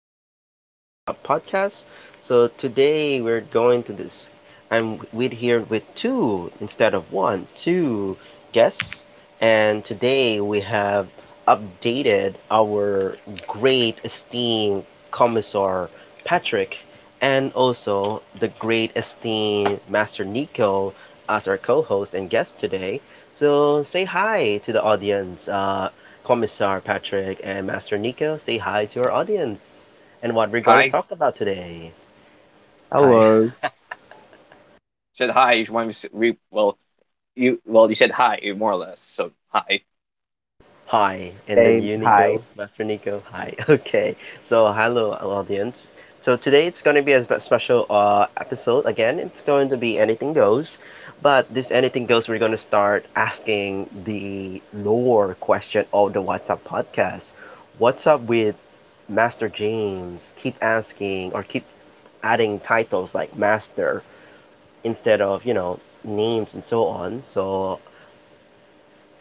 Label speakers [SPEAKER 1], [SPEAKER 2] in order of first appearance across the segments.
[SPEAKER 1] host of the What's Up podcast. So today we're going to this. I'm with here with two instead of one, two guests. And today we have updated our great esteemed Commissar Patrick, and also the great esteemed Master Nico as our co-host and guest today. So say hi to the audience, Commissar Patrick and Master Nico. Say hi to our audience and what we're going to
[SPEAKER 2] Hi.
[SPEAKER 1] talk about today. Hi.
[SPEAKER 3] Hello.
[SPEAKER 2] Said hi if you want me to. Well, you said hi, more or less, so hi.
[SPEAKER 1] Hi, and then
[SPEAKER 3] Same.
[SPEAKER 1] you,
[SPEAKER 3] Hi.
[SPEAKER 1] Nico, Master Nico. Hi. Okay. So, hello, audience. So today it's going to be a special episode. Again, it's going to be anything goes, but this anything goes, we're going to start asking the lore question of the What's Up podcast. What's up with Master James? Keep asking or keep adding titles like Master instead of names and so on. So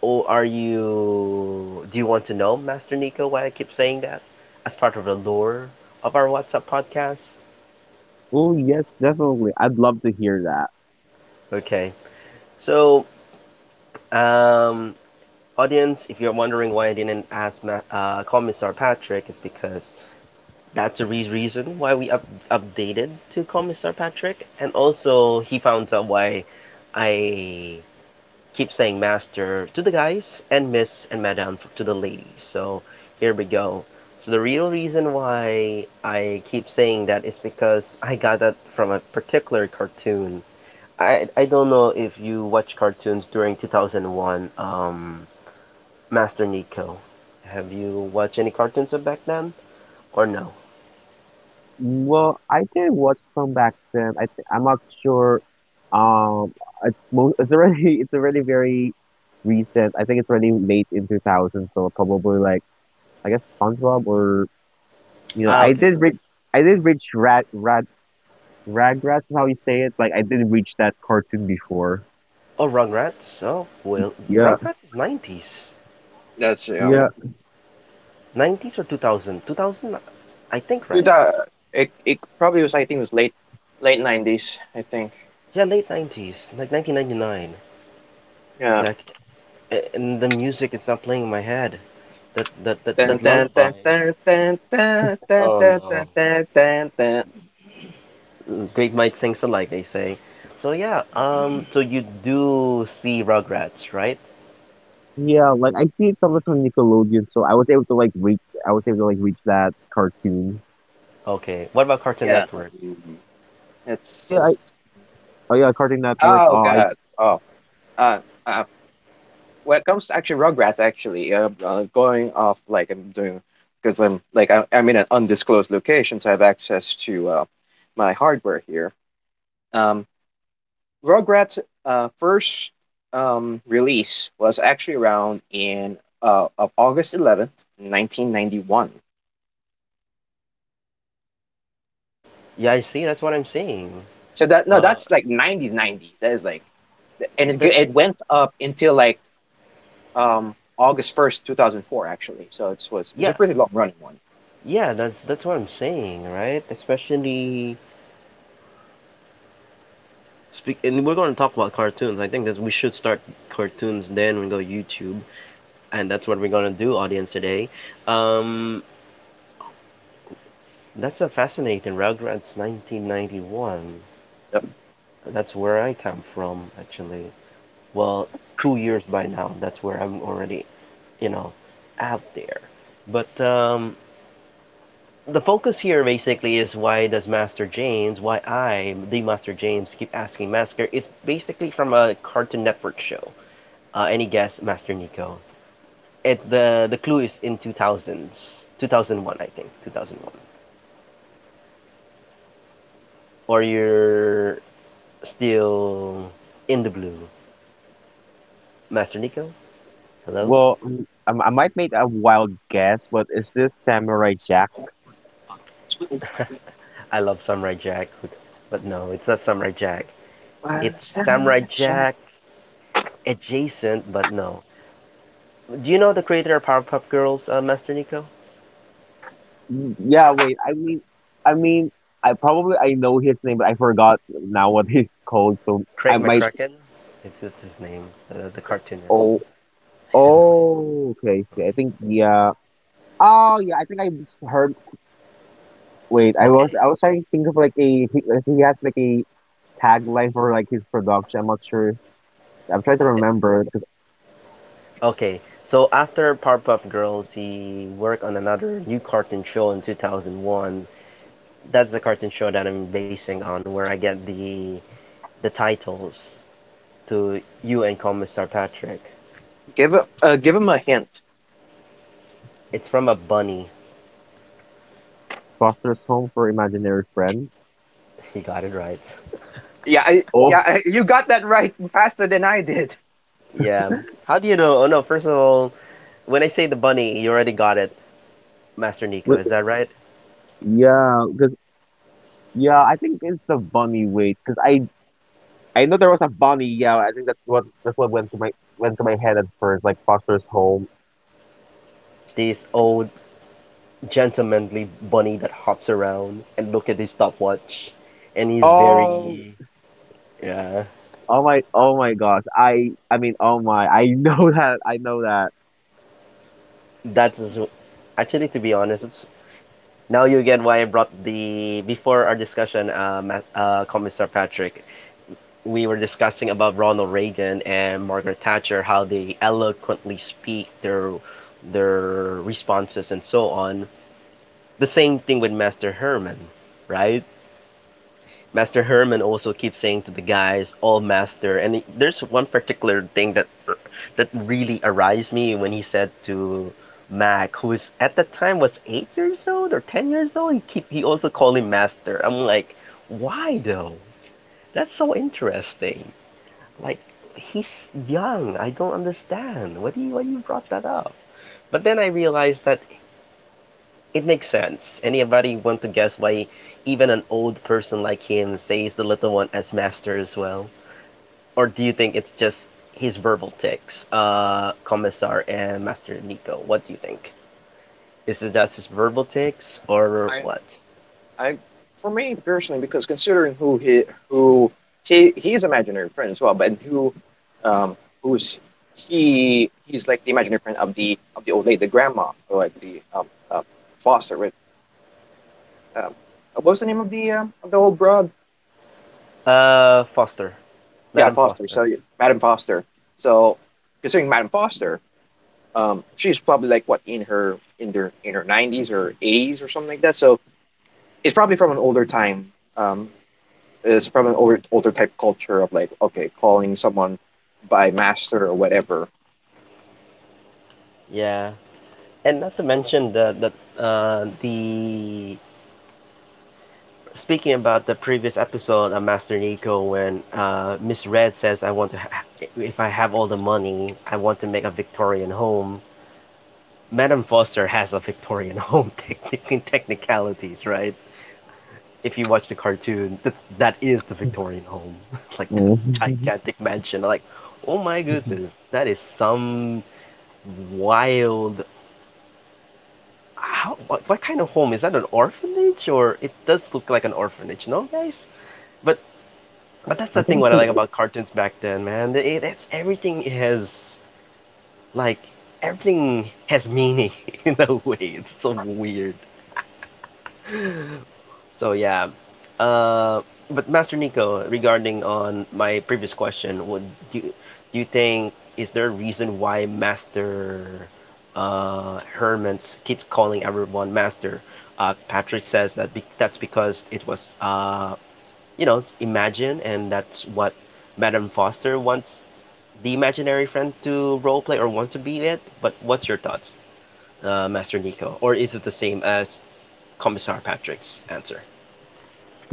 [SPEAKER 1] or are you. Do you want to know, Master Nico, why I keep saying that? As part of the lore of our WhatsApp podcast?
[SPEAKER 3] Oh, yes, definitely. I'd love to hear that.
[SPEAKER 1] Okay. So, um, audience, if you're wondering why I didn't ask Commissar Patrick, is because that's the reason why we updated to Commissar Patrick, and also he found out why I keep saying master to the guys and miss and madam to the ladies. So here we go. So the real reason why I keep saying that is because I got that from a particular cartoon. I don't know if you watch cartoons during 2001, Master Nico. Have you watched any cartoons of back then or no?
[SPEAKER 3] Well, I did watch some back then. I'm not sure. Um, it's already it's already very recent. I think it's already late in 2000, so probably like I guess SpongeBob or you know
[SPEAKER 1] Ah, okay.
[SPEAKER 3] I did reach Rad Rad Ragrats is how you say it. Like I did reach that cartoon before.
[SPEAKER 1] Oh, Rugrats. Oh, well,
[SPEAKER 3] Yeah.
[SPEAKER 1] Rugrats is '90s.
[SPEAKER 2] That's, yeah. Know.
[SPEAKER 3] Yeah.
[SPEAKER 1] '90s or 2000? 2000, I think,
[SPEAKER 2] Dude,
[SPEAKER 1] right?
[SPEAKER 2] it probably was. I think it was late 90s, I think.
[SPEAKER 1] Yeah, late '90s, like 1999.
[SPEAKER 2] Yeah.
[SPEAKER 1] Yeah, and the music is not playing in my head. That that that,
[SPEAKER 2] Dun,
[SPEAKER 1] that
[SPEAKER 2] dun, dun,
[SPEAKER 1] lullaby.
[SPEAKER 2] dun, dun, dun, dun,
[SPEAKER 1] Oh
[SPEAKER 2] dun,
[SPEAKER 1] no.
[SPEAKER 2] dun, dun, dun, dun.
[SPEAKER 1] Great minds think alike, they say. So yeah, so you do see Rugrats, right?
[SPEAKER 3] Yeah, like I see it sometimes on Nickelodeon, so I was able to like reach that cartoon.
[SPEAKER 1] Okay. What about Cartoon
[SPEAKER 2] Yeah.
[SPEAKER 1] Network?
[SPEAKER 2] Mhm.
[SPEAKER 3] Oh yeah,
[SPEAKER 2] It's
[SPEAKER 3] oh yeah, Cartoon Network.
[SPEAKER 2] oh
[SPEAKER 3] Oh, I
[SPEAKER 2] God. Oh, uh, uh when it comes to actually Rugrats, actually, going off, like I'm doing, because I'm like I'm in an undisclosed location, so I have access to my hardware here. Um, Rugrats first release was actually around in of August 11th, 1991.
[SPEAKER 1] Yeah, I see. That's what I'm saying.
[SPEAKER 2] So that, no,
[SPEAKER 1] Uh,
[SPEAKER 2] that's like 90s, 90s. That is like, and it,
[SPEAKER 1] that's
[SPEAKER 2] it went up until, like, August 1st, 2004, actually. So it was, it's a
[SPEAKER 1] Yeah,
[SPEAKER 2] pretty long running one.
[SPEAKER 1] yeah. That's what I'm saying, right? Especially speak, and we're going to talk about cartoons. I think that we should start cartoons, then we go YouTube. And that's what we're gonna do, audience, today. Um, that's a fascinating Rugrats 1991.
[SPEAKER 2] Yep.
[SPEAKER 1] That's where I come from, actually. Well, 2 years by now. That's where I'm already, you know, out there. But the focus here basically is why does Master James, why I, the Master James, keep asking Master is basically from a Cartoon Network show. Any guess, Master Nico? It the clue is in 2000s, 2001, I think, 2001. Or you're still in the blue. Master Nico? Hello?
[SPEAKER 3] well, might make a wild guess, but is this Samurai Jack?
[SPEAKER 1] I love Samurai Jack, but no, it's not Samurai Jack.
[SPEAKER 2] Why
[SPEAKER 1] It's Samurai
[SPEAKER 2] sunrise shine-
[SPEAKER 1] Jack adjacent, but no. Do you know the creator of Powerpuff Girls, Master Nico?
[SPEAKER 3] Yeah, wait. I mean, I mean, I probably I know his name, but I forgot now what he's called. So
[SPEAKER 1] Craig
[SPEAKER 3] I might.
[SPEAKER 1] McCracken? It's his name, the cartoonist.
[SPEAKER 3] Oh, oh, okay. See, I think yeah. Oh yeah, I think I just heard. Wait,
[SPEAKER 1] Okay.
[SPEAKER 3] I was trying to think of like a he has like a Tag life or like his production. I'm not sure. I'm trying to remember because
[SPEAKER 1] Okay, so after Powerpuff Girls, he worked on another new cartoon show in 2001. That's the cartoon show that I'm basing on, where I get the titles to you and Commissar Patrick.
[SPEAKER 2] Give him a hint.
[SPEAKER 1] It's from a bunny.
[SPEAKER 3] Foster's Home for Imaginary Friends.
[SPEAKER 1] He got it right.
[SPEAKER 2] Yeah,
[SPEAKER 3] Oh,
[SPEAKER 2] you got that right faster than I did.
[SPEAKER 1] Yeah. How do you know? Oh no, first of all, when I say the bunny, you already got it, Master Nico,
[SPEAKER 3] wait,
[SPEAKER 1] is that right?
[SPEAKER 3] yeah, because yeah, I think it's the bunny wait. Because I know there was a bunny. Yeah, I think that's what went to my head at first, like Foster's Home.
[SPEAKER 1] This old gentlemanly bunny that hops around and look at his stopwatch, and he's
[SPEAKER 3] Oh,
[SPEAKER 1] very. Yeah.
[SPEAKER 3] oh my gosh. I mean, oh my, I know that. I know that.
[SPEAKER 1] That's, actually, to be honest, it's now you get why I brought the before our discussion, Commissar Patrick. We were discussing about Ronald Reagan and Margaret Thatcher, how they eloquently speak their responses and so on. The same thing with Master Herman, right? Master Herman also keeps saying to the guys, "All master." And there's one particular thing that really aroused me when he said to Mac, who is at that time was 8 years old or 10 years old, and keep he also called him master. I'm like, why though? That's so interesting. Like, he's young. I don't understand. Why you brought that up? But then I realized that it makes sense. Anybody want to guess why even an old person like him says the little one as master as well? Or do you think it's just his verbal tics, Commissar and Master Nico? What do you think? Is it just his verbal tics or
[SPEAKER 2] I,
[SPEAKER 1] what?
[SPEAKER 2] I, for me personally, because considering who he, he's imaginary friend as well, but who, um, who's he? He's like the imaginary friend of the old lady, the grandma, or like the Foster. With, um, what was the name of the, of the old broad?
[SPEAKER 1] Foster,
[SPEAKER 2] Yeah,
[SPEAKER 1] Madam
[SPEAKER 2] Foster.
[SPEAKER 1] Foster.
[SPEAKER 2] So Madam Foster. So considering Madam Foster, she's probably like what, in her, in her 90s or 80s or something like that. So it's probably from an older time. It's probably an older type culture of, like, okay, calling someone by master or whatever.
[SPEAKER 1] Yeah, and not to mention the speaking about the previous episode of Master Nico, when Miss Red says, "I want to, if I have all the money, I want to make a Victorian home." Madame Foster has a Victorian home, in technicalities, right? If you watch the cartoon, that is the Victorian home, like the gigantic mansion. Like, oh my goodness, that is some wild. How, what kind of home is that? An orphanage, or it does look like an orphanage, no, guys? But But that's
[SPEAKER 3] I
[SPEAKER 1] the thing
[SPEAKER 3] think
[SPEAKER 1] what
[SPEAKER 3] it's
[SPEAKER 1] I
[SPEAKER 3] an
[SPEAKER 1] like about cartoons back then, man. They- It, it's Everything has like meaning in a way. It's so weird. So yeah. Uh, but Master Nico, regarding on my previous question, do you, do you think is there a reason why Master Hermans keeps calling everyone Master? Patrick says that be that's because it was imagine, and that's what Madame Foster wants the imaginary friend to roleplay or want to be it. But what's your thoughts, Master Nico? Or is it the same as Commissar Patrick's answer?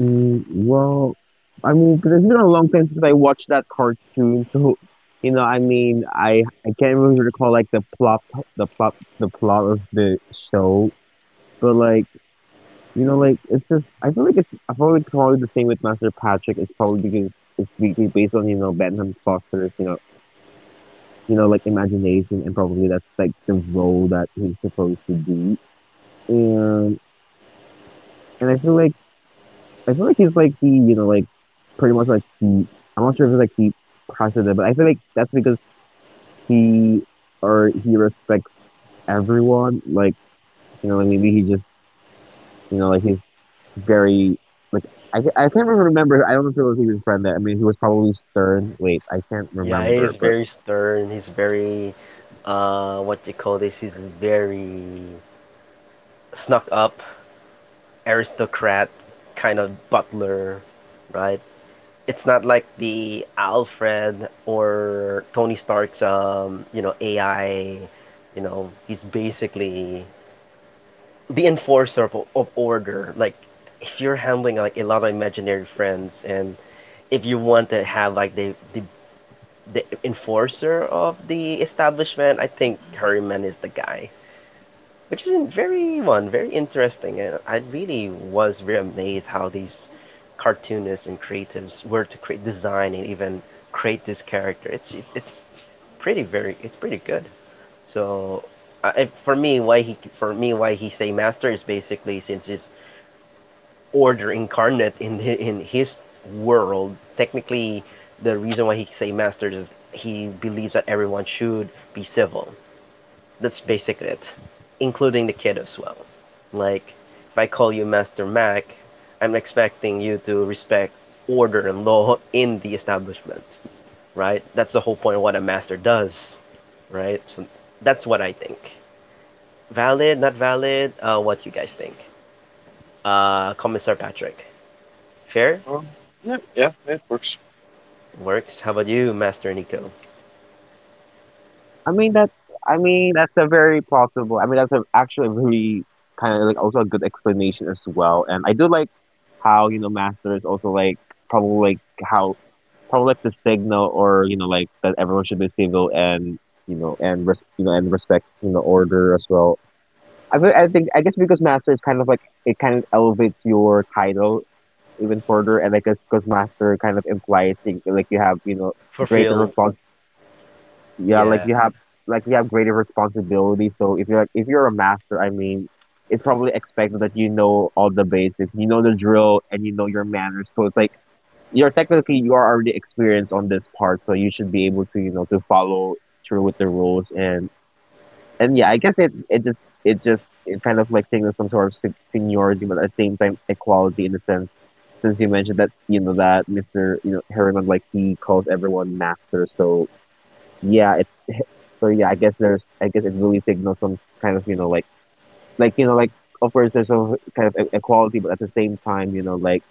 [SPEAKER 3] Well, I mean, 'cause it's been a long time since I watched that cartoon, so you know, I mean, I can't really recall like the plot, the plot of the show, but like you know, like it's just I feel like probably the same with Master Patrick. It's probably because based on you know Bentham Foster's you know like imagination and probably that's like the role that he's supposed to do, and I feel like he's like the you know like pretty much like the I'm not sure if it's like the president, but I feel like that's because he or he respects everyone. Like you know, like maybe he just you know like he's very like I can't even remember. I don't know if it was even a friend that. I mean, he was probably stern. Wait, I can't
[SPEAKER 1] Yeah, he is
[SPEAKER 3] remember, but
[SPEAKER 1] very stern. He's very, what you call this? He's very snuck up, aristocrat, kind of butler, right? It's not like the Alfred or Tony Stark's AI. You know, he's basically the enforcer of order. Like, if you're handling like a lot of imaginary friends, and if you want to have like the enforcer of the establishment, I think Harryman is the guy, which is very, one very interesting. And I really was very amazed how these cartoonists and creatives were to create, design, and even create this character. It's pretty good. So I, for me, why he say master is basically, since it's order incarnate in in his world. Technically, the reason why he say master is he believes that everyone should be civil. That's basically it, including the kid as well. Like, if I call you Master Mac, I'm expecting you to respect order and law in the establishment, right? That's the whole point of what a master does, right? So that's what I think. Valid, not valid, what you guys think? Commissar Patrick. Fair?
[SPEAKER 2] Well, yeah, yeah, it works.
[SPEAKER 1] Works. How about you, Master Nico?
[SPEAKER 3] I mean that's I mean that's a very plausible. I mean that's a, actually a very kind of like also a good explanation as well. And I do like how you know Master is also like probably like how probably like the signal or you know like that everyone should be civil and you know and you know and respect you know order as well. I mean, I think I guess because Master is kind of like it kind of elevates your title even further, and I guess because Master kind of implies like you have you know greater
[SPEAKER 1] Fulfilled.
[SPEAKER 3] yeah,
[SPEAKER 1] Yeah,
[SPEAKER 3] like you have greater responsibility. So if you're like if you're a master, I mean, it's probably expected that you know all the basics, you know the drill, and you know your manners. So it's like you're technically you are already experienced on this part, so you should be able to you know to follow through with the rules and yeah, I guess it just it kind of like signals some sort of seniority, but at the same time equality in a sense. Since you mentioned that you know that Mister you know Harriman like he calls everyone master, so yeah it so yeah I guess it really signals some kind of you know you know like of course there's some kind of equality but at the same time you know like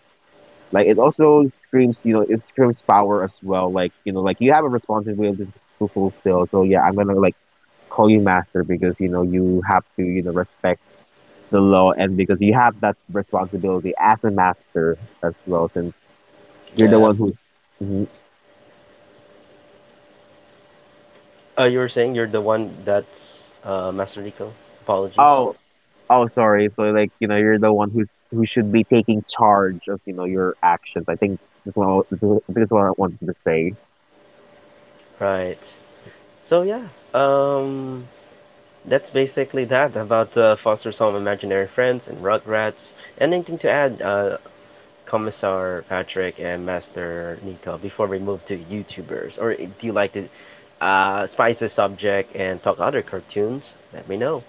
[SPEAKER 3] like it also screams you know it screams power as well like you know like you have a responsibility to fulfill so yeah I'm gonna like call you master because you know you have to you know respect the law and because you have that responsibility as a master as well since you're the
[SPEAKER 1] yeah.
[SPEAKER 3] one who's
[SPEAKER 1] You were saying you're the one that's, Master Nico? Apologies.
[SPEAKER 3] Oh, oh, sorry. So like you know, you're the one who's who should be taking charge of you know your actions. I think that's what I wanted to say.
[SPEAKER 1] Right. So yeah, um, that's basically that about Foster's Home Imaginary Friends and Rugrats. Anything to add, Commissar Patrick and Master Nico, before we move to YouTubers? Or do you like to spice the subject and talk other cartoons? Let me know.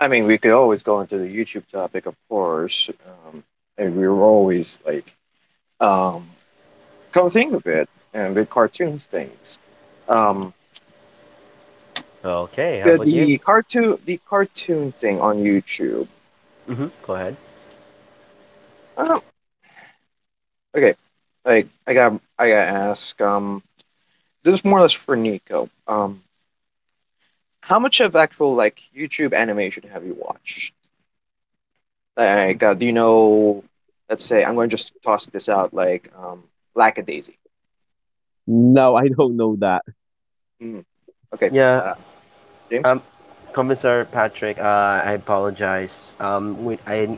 [SPEAKER 2] I mean, we could always go into the YouTube topic, of course. Um, and we were always like, um, come think of it, and with cartoons things. Um,
[SPEAKER 1] Okay, how
[SPEAKER 2] yeah,
[SPEAKER 1] about you?
[SPEAKER 2] the cartoon thing on YouTube.
[SPEAKER 1] Go ahead.
[SPEAKER 2] I Okay, like, I got to ask. This is more or less for Nico. How much of actual, like, YouTube animation have you watched? Like, do you know? Let's say I'm going to just toss this out. Like, Lackadaisy.
[SPEAKER 3] No, I don't know that.
[SPEAKER 2] Mm, okay,
[SPEAKER 1] Yeah,
[SPEAKER 2] uh, James.
[SPEAKER 1] um, Commissar Patrick, I apologize. Um, we, I,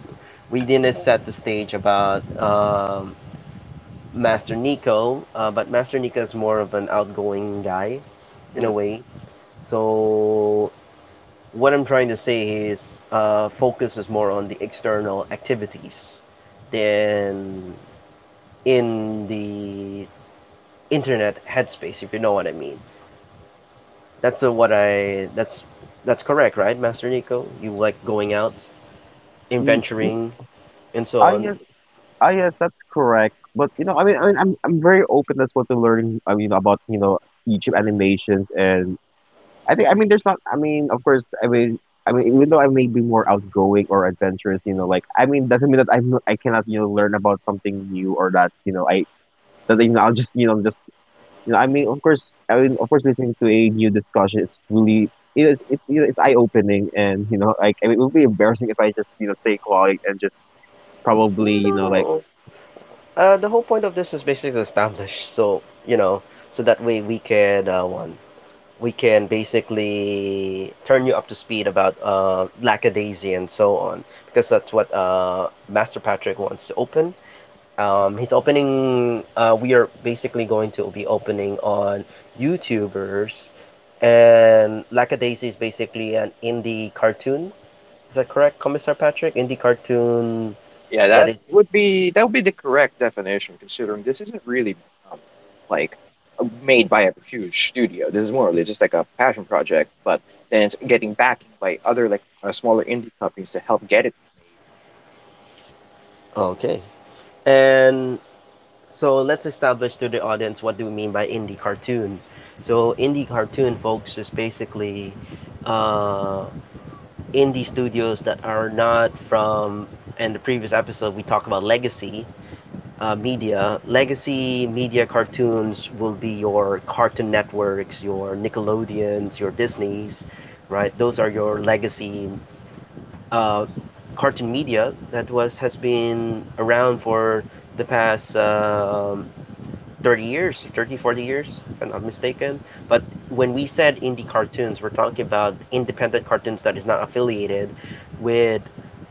[SPEAKER 1] we didn't set the stage about Master Nico, but Master Nico is more of an outgoing guy in a way. So what I'm trying to say is, focus is more on the external activities than in the internet headspace, if you know what I mean. That's what I. That's correct, right, Master Nico? You like going out,
[SPEAKER 3] Mm, mm,
[SPEAKER 1] adventuring, and so
[SPEAKER 3] Ah,
[SPEAKER 1] on.
[SPEAKER 3] yes, yes, that's correct. But you know, I'm very open as well to learning. I mean, about you know YouTube animations and I think I mean there's not I mean of course I mean even though I may be more outgoing or adventurous you know like I mean doesn't mean that I cannot you know learn about something new or that you know I that you know I'll just you know I mean of course listening to a new discussion it's really it's you know, it's eye opening and you know like I mean, it would be embarrassing if I just you know stay quiet and just
[SPEAKER 1] No,
[SPEAKER 3] probably you
[SPEAKER 1] no,
[SPEAKER 3] know like
[SPEAKER 1] no. The whole point of this is basically established, so you know, so that way we can, one we can basically turn you up to speed about Lackadaisy and so on, because that's what Master Patrick wants to open. We are basically going to be opening on YouTubers, and Lackadaisy is basically an indie cartoon. Is that correct, Commissar Patrick? Indie cartoon
[SPEAKER 2] Yeah,
[SPEAKER 1] that is.
[SPEAKER 2] that would be the correct definition, considering this isn't really, um, like, made by a huge studio. This is more or less just like a passion project, but then it's getting backing by other, like, smaller indie companies to help get it
[SPEAKER 1] Okay. And So let's establish to the audience what do we mean by indie cartoon. So indie cartoon, folks, is basically uh, indie studios that are not from. In the previous episode, we talked about legacy media. Legacy media cartoons will be your Cartoon Networks, your Nickelodeons, your Disneys, right? Those are your legacy uh, cartoon media that was has been around for the past, 30 years, 30, 40 years, if I'm not mistaken. But when we said indie cartoons, we're talking about independent cartoons that is not affiliated with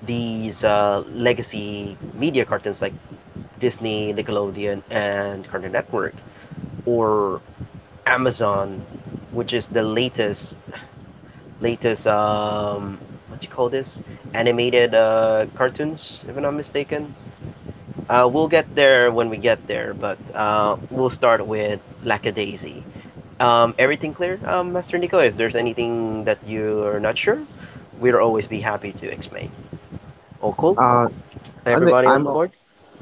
[SPEAKER 1] these legacy media cartoons like Disney, Nickelodeon, and Cartoon Network, or Amazon, which is the latest, what do you call this? Animated cartoons, if I'm not mistaken. We'll get there when we get there, but we'll start with Lackadaisy. Everything clear, Master Nico? If there's anything that you're not sure, we'll always be happy to explain. All cool?
[SPEAKER 3] uh I'm
[SPEAKER 1] Everybody on
[SPEAKER 3] I'm
[SPEAKER 1] the
[SPEAKER 3] all-
[SPEAKER 1] board?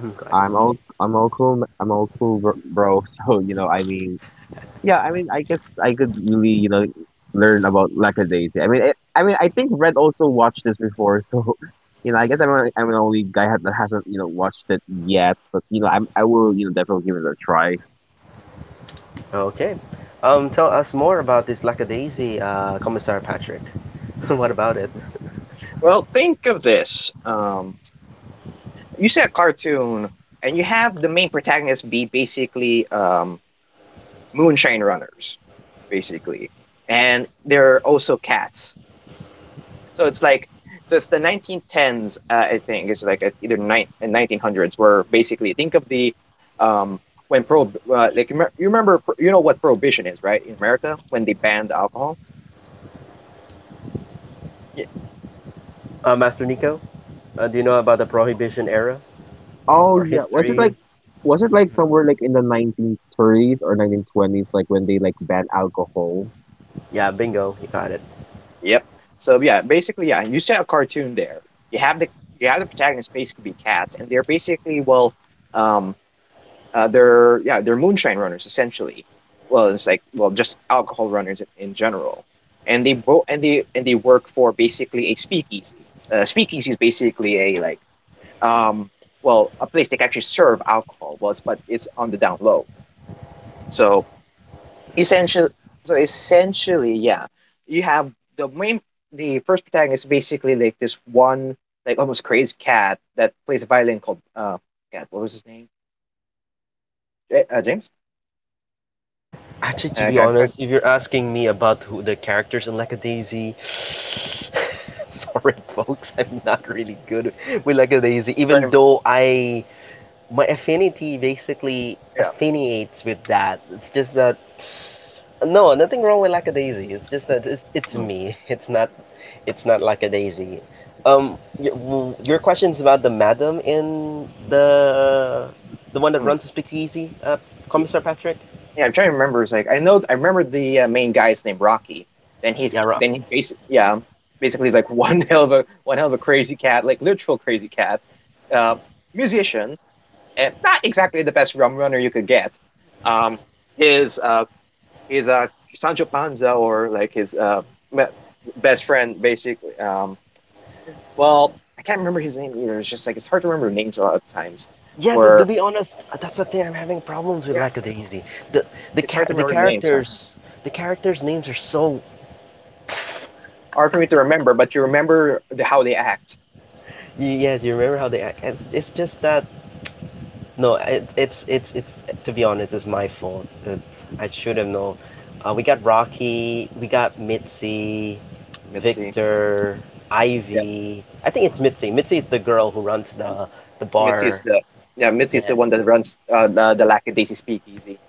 [SPEAKER 1] Mhm. Good.
[SPEAKER 3] I'm all cool bro bro. so you know I mean Yeah, I mean, I guess I could really, you know, learn about Lackadaisy. I mean, I think Red also watched this before, so you know, I guess I'm the only guy that hasn't, you know, watched it yet. But you know, I will, you know, definitely give it a try.
[SPEAKER 1] Okay. Tell us more about this lackadaisy, Commissar Patrick. What about it?
[SPEAKER 2] made. Well, think of this. You see a cartoon, and you have the main protagonist be basically, moonshine runners, basically, and there are also cats. So it's like, so it's the 1910s. I think it's like at either nine and 1900s, where basically think of the, um when pro like, you remember, what prohibition is, right, in America, when they banned alcohol. Yeah.
[SPEAKER 1] Master Nico, do you know about the Prohibition era
[SPEAKER 3] Oh
[SPEAKER 1] or
[SPEAKER 3] yeah,
[SPEAKER 1] history?
[SPEAKER 3] was it like somewhere like in the 1930s or 1920s, like when they like banned alcohol?
[SPEAKER 1] Yeah, bingo, you got it.
[SPEAKER 2] Yep. So, yeah, basically, yeah, you set a cartoon there. You have the, you have the protagonists basically be cats, and they're basically, well, um they're moonshine runners essentially. Well, it's like, well, just alcohol runners, in general, and they both, and they work for basically a speakeasy. Speakeasy is basically, a, like, um well, a place they can actually serve alcohol. Well, it's but it's on the down low. So essentially, yeah, you have the main, the first protagonist is basically like this one, like, almost crazed cat that plays a violin called cat, what was his name, James
[SPEAKER 1] Actually, to be
[SPEAKER 2] I'm trying,
[SPEAKER 1] honest, if you're asking me about who the characters in Lackadaisy, sorry folks, I'm not really good with Lackadaisy, even
[SPEAKER 2] to.
[SPEAKER 1] though I my affinity basically
[SPEAKER 2] Yeah.
[SPEAKER 1] affiliates with that. It's just that no, nothing wrong with Lackadaisy. It's just that it's
[SPEAKER 2] Mm,
[SPEAKER 1] me. It's not. It's not Lackadaisy. Your question's about the madam in the one that
[SPEAKER 2] mm.
[SPEAKER 1] runs the speakeasy,
[SPEAKER 2] Yeah.
[SPEAKER 1] Commissar Patrick.
[SPEAKER 2] Yeah, I'm trying to remember. It's like, I know, I remember the, main guy is named Rocky. Then he's,
[SPEAKER 1] Yeah, right.
[SPEAKER 2] then he basically, yeah, basically like one hell of a crazy cat, like literal crazy cat, uh, musician, and not exactly the best rum runner you could get. Um, his his uh Sancho Panza, or like his, me- best friend basically. Well, I can't remember his name either. It's just like, it's hard to remember names a lot of times.
[SPEAKER 1] Yeah, to
[SPEAKER 2] Where,
[SPEAKER 1] be honest, that's the thing I'm having problems with
[SPEAKER 2] yeah,
[SPEAKER 1] Lackadaisy. The the
[SPEAKER 2] it's hard
[SPEAKER 1] cha-
[SPEAKER 2] to
[SPEAKER 1] the
[SPEAKER 2] remember names. Huh?
[SPEAKER 1] characters the characters names are so
[SPEAKER 2] Hard for me to remember, but you remember how they act.
[SPEAKER 1] Yeah, yes, you remember how they act. It's just that no, it's to be honest, it's my fault. It's, I should have known. We got Rocky, we got Mitzi,
[SPEAKER 2] Mitzi.
[SPEAKER 1] Victor,
[SPEAKER 2] Yeah.
[SPEAKER 1] Ivy. I think it's Mitzi. Mitzi is the girl who runs the
[SPEAKER 2] Mitzi is
[SPEAKER 1] bar.
[SPEAKER 2] the yeah, Mitzi is
[SPEAKER 1] Yeah,
[SPEAKER 2] the one that runs, the Lackadaisy Speakeasy.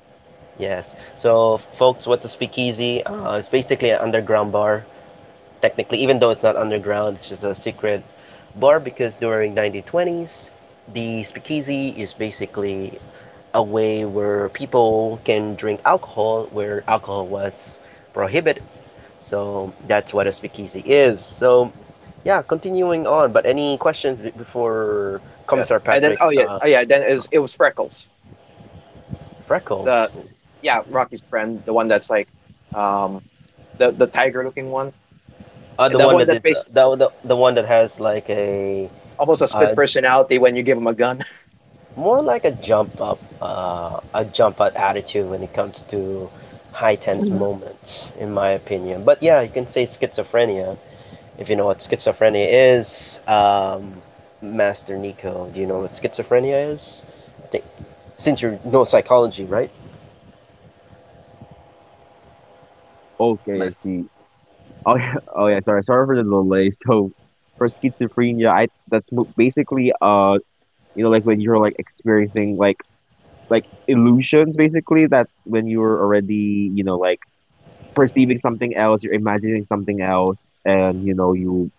[SPEAKER 1] yes. So, folks, what's a speakeasy? It's basically an underground bar. Technically, even though it's not underground, it's just a secret bar because during 1920s, the speakeasy is basically a way where people can drink alcohol where alcohol was prohibited. So that's what a speakeasy is. So yeah, continuing on. But any questions before
[SPEAKER 2] Yeah.
[SPEAKER 1] Commissar
[SPEAKER 2] And then,
[SPEAKER 1] Patrick's
[SPEAKER 2] oh yeah, oh yeah, then it was, Freckles,
[SPEAKER 1] freckles?
[SPEAKER 2] the, yeah, Rocky's friend, the one that's like, um the tiger looking one,
[SPEAKER 1] The
[SPEAKER 2] the
[SPEAKER 1] one
[SPEAKER 2] one
[SPEAKER 1] that
[SPEAKER 2] that
[SPEAKER 1] is
[SPEAKER 2] makes
[SPEAKER 1] the one that has like a
[SPEAKER 2] almost a split
[SPEAKER 1] uh,
[SPEAKER 2] personality when you give him a gun.
[SPEAKER 1] more like a jump up attitude when it comes to high tense
[SPEAKER 2] And
[SPEAKER 1] moments, in my opinion. But yeah, you can say schizophrenia if you know what schizophrenia is. Master Nico, do you know what schizophrenia is? I think since you know psychology, right?
[SPEAKER 3] Oh, okay, I
[SPEAKER 1] Man.
[SPEAKER 3] see. Oh yeah, oh yeah. Sorry for the delay. So for schizophrenia, I that's basically you know like when you're like experiencing like illusions basically that's when you're already you know like perceiving something else you're imagining something else and you know you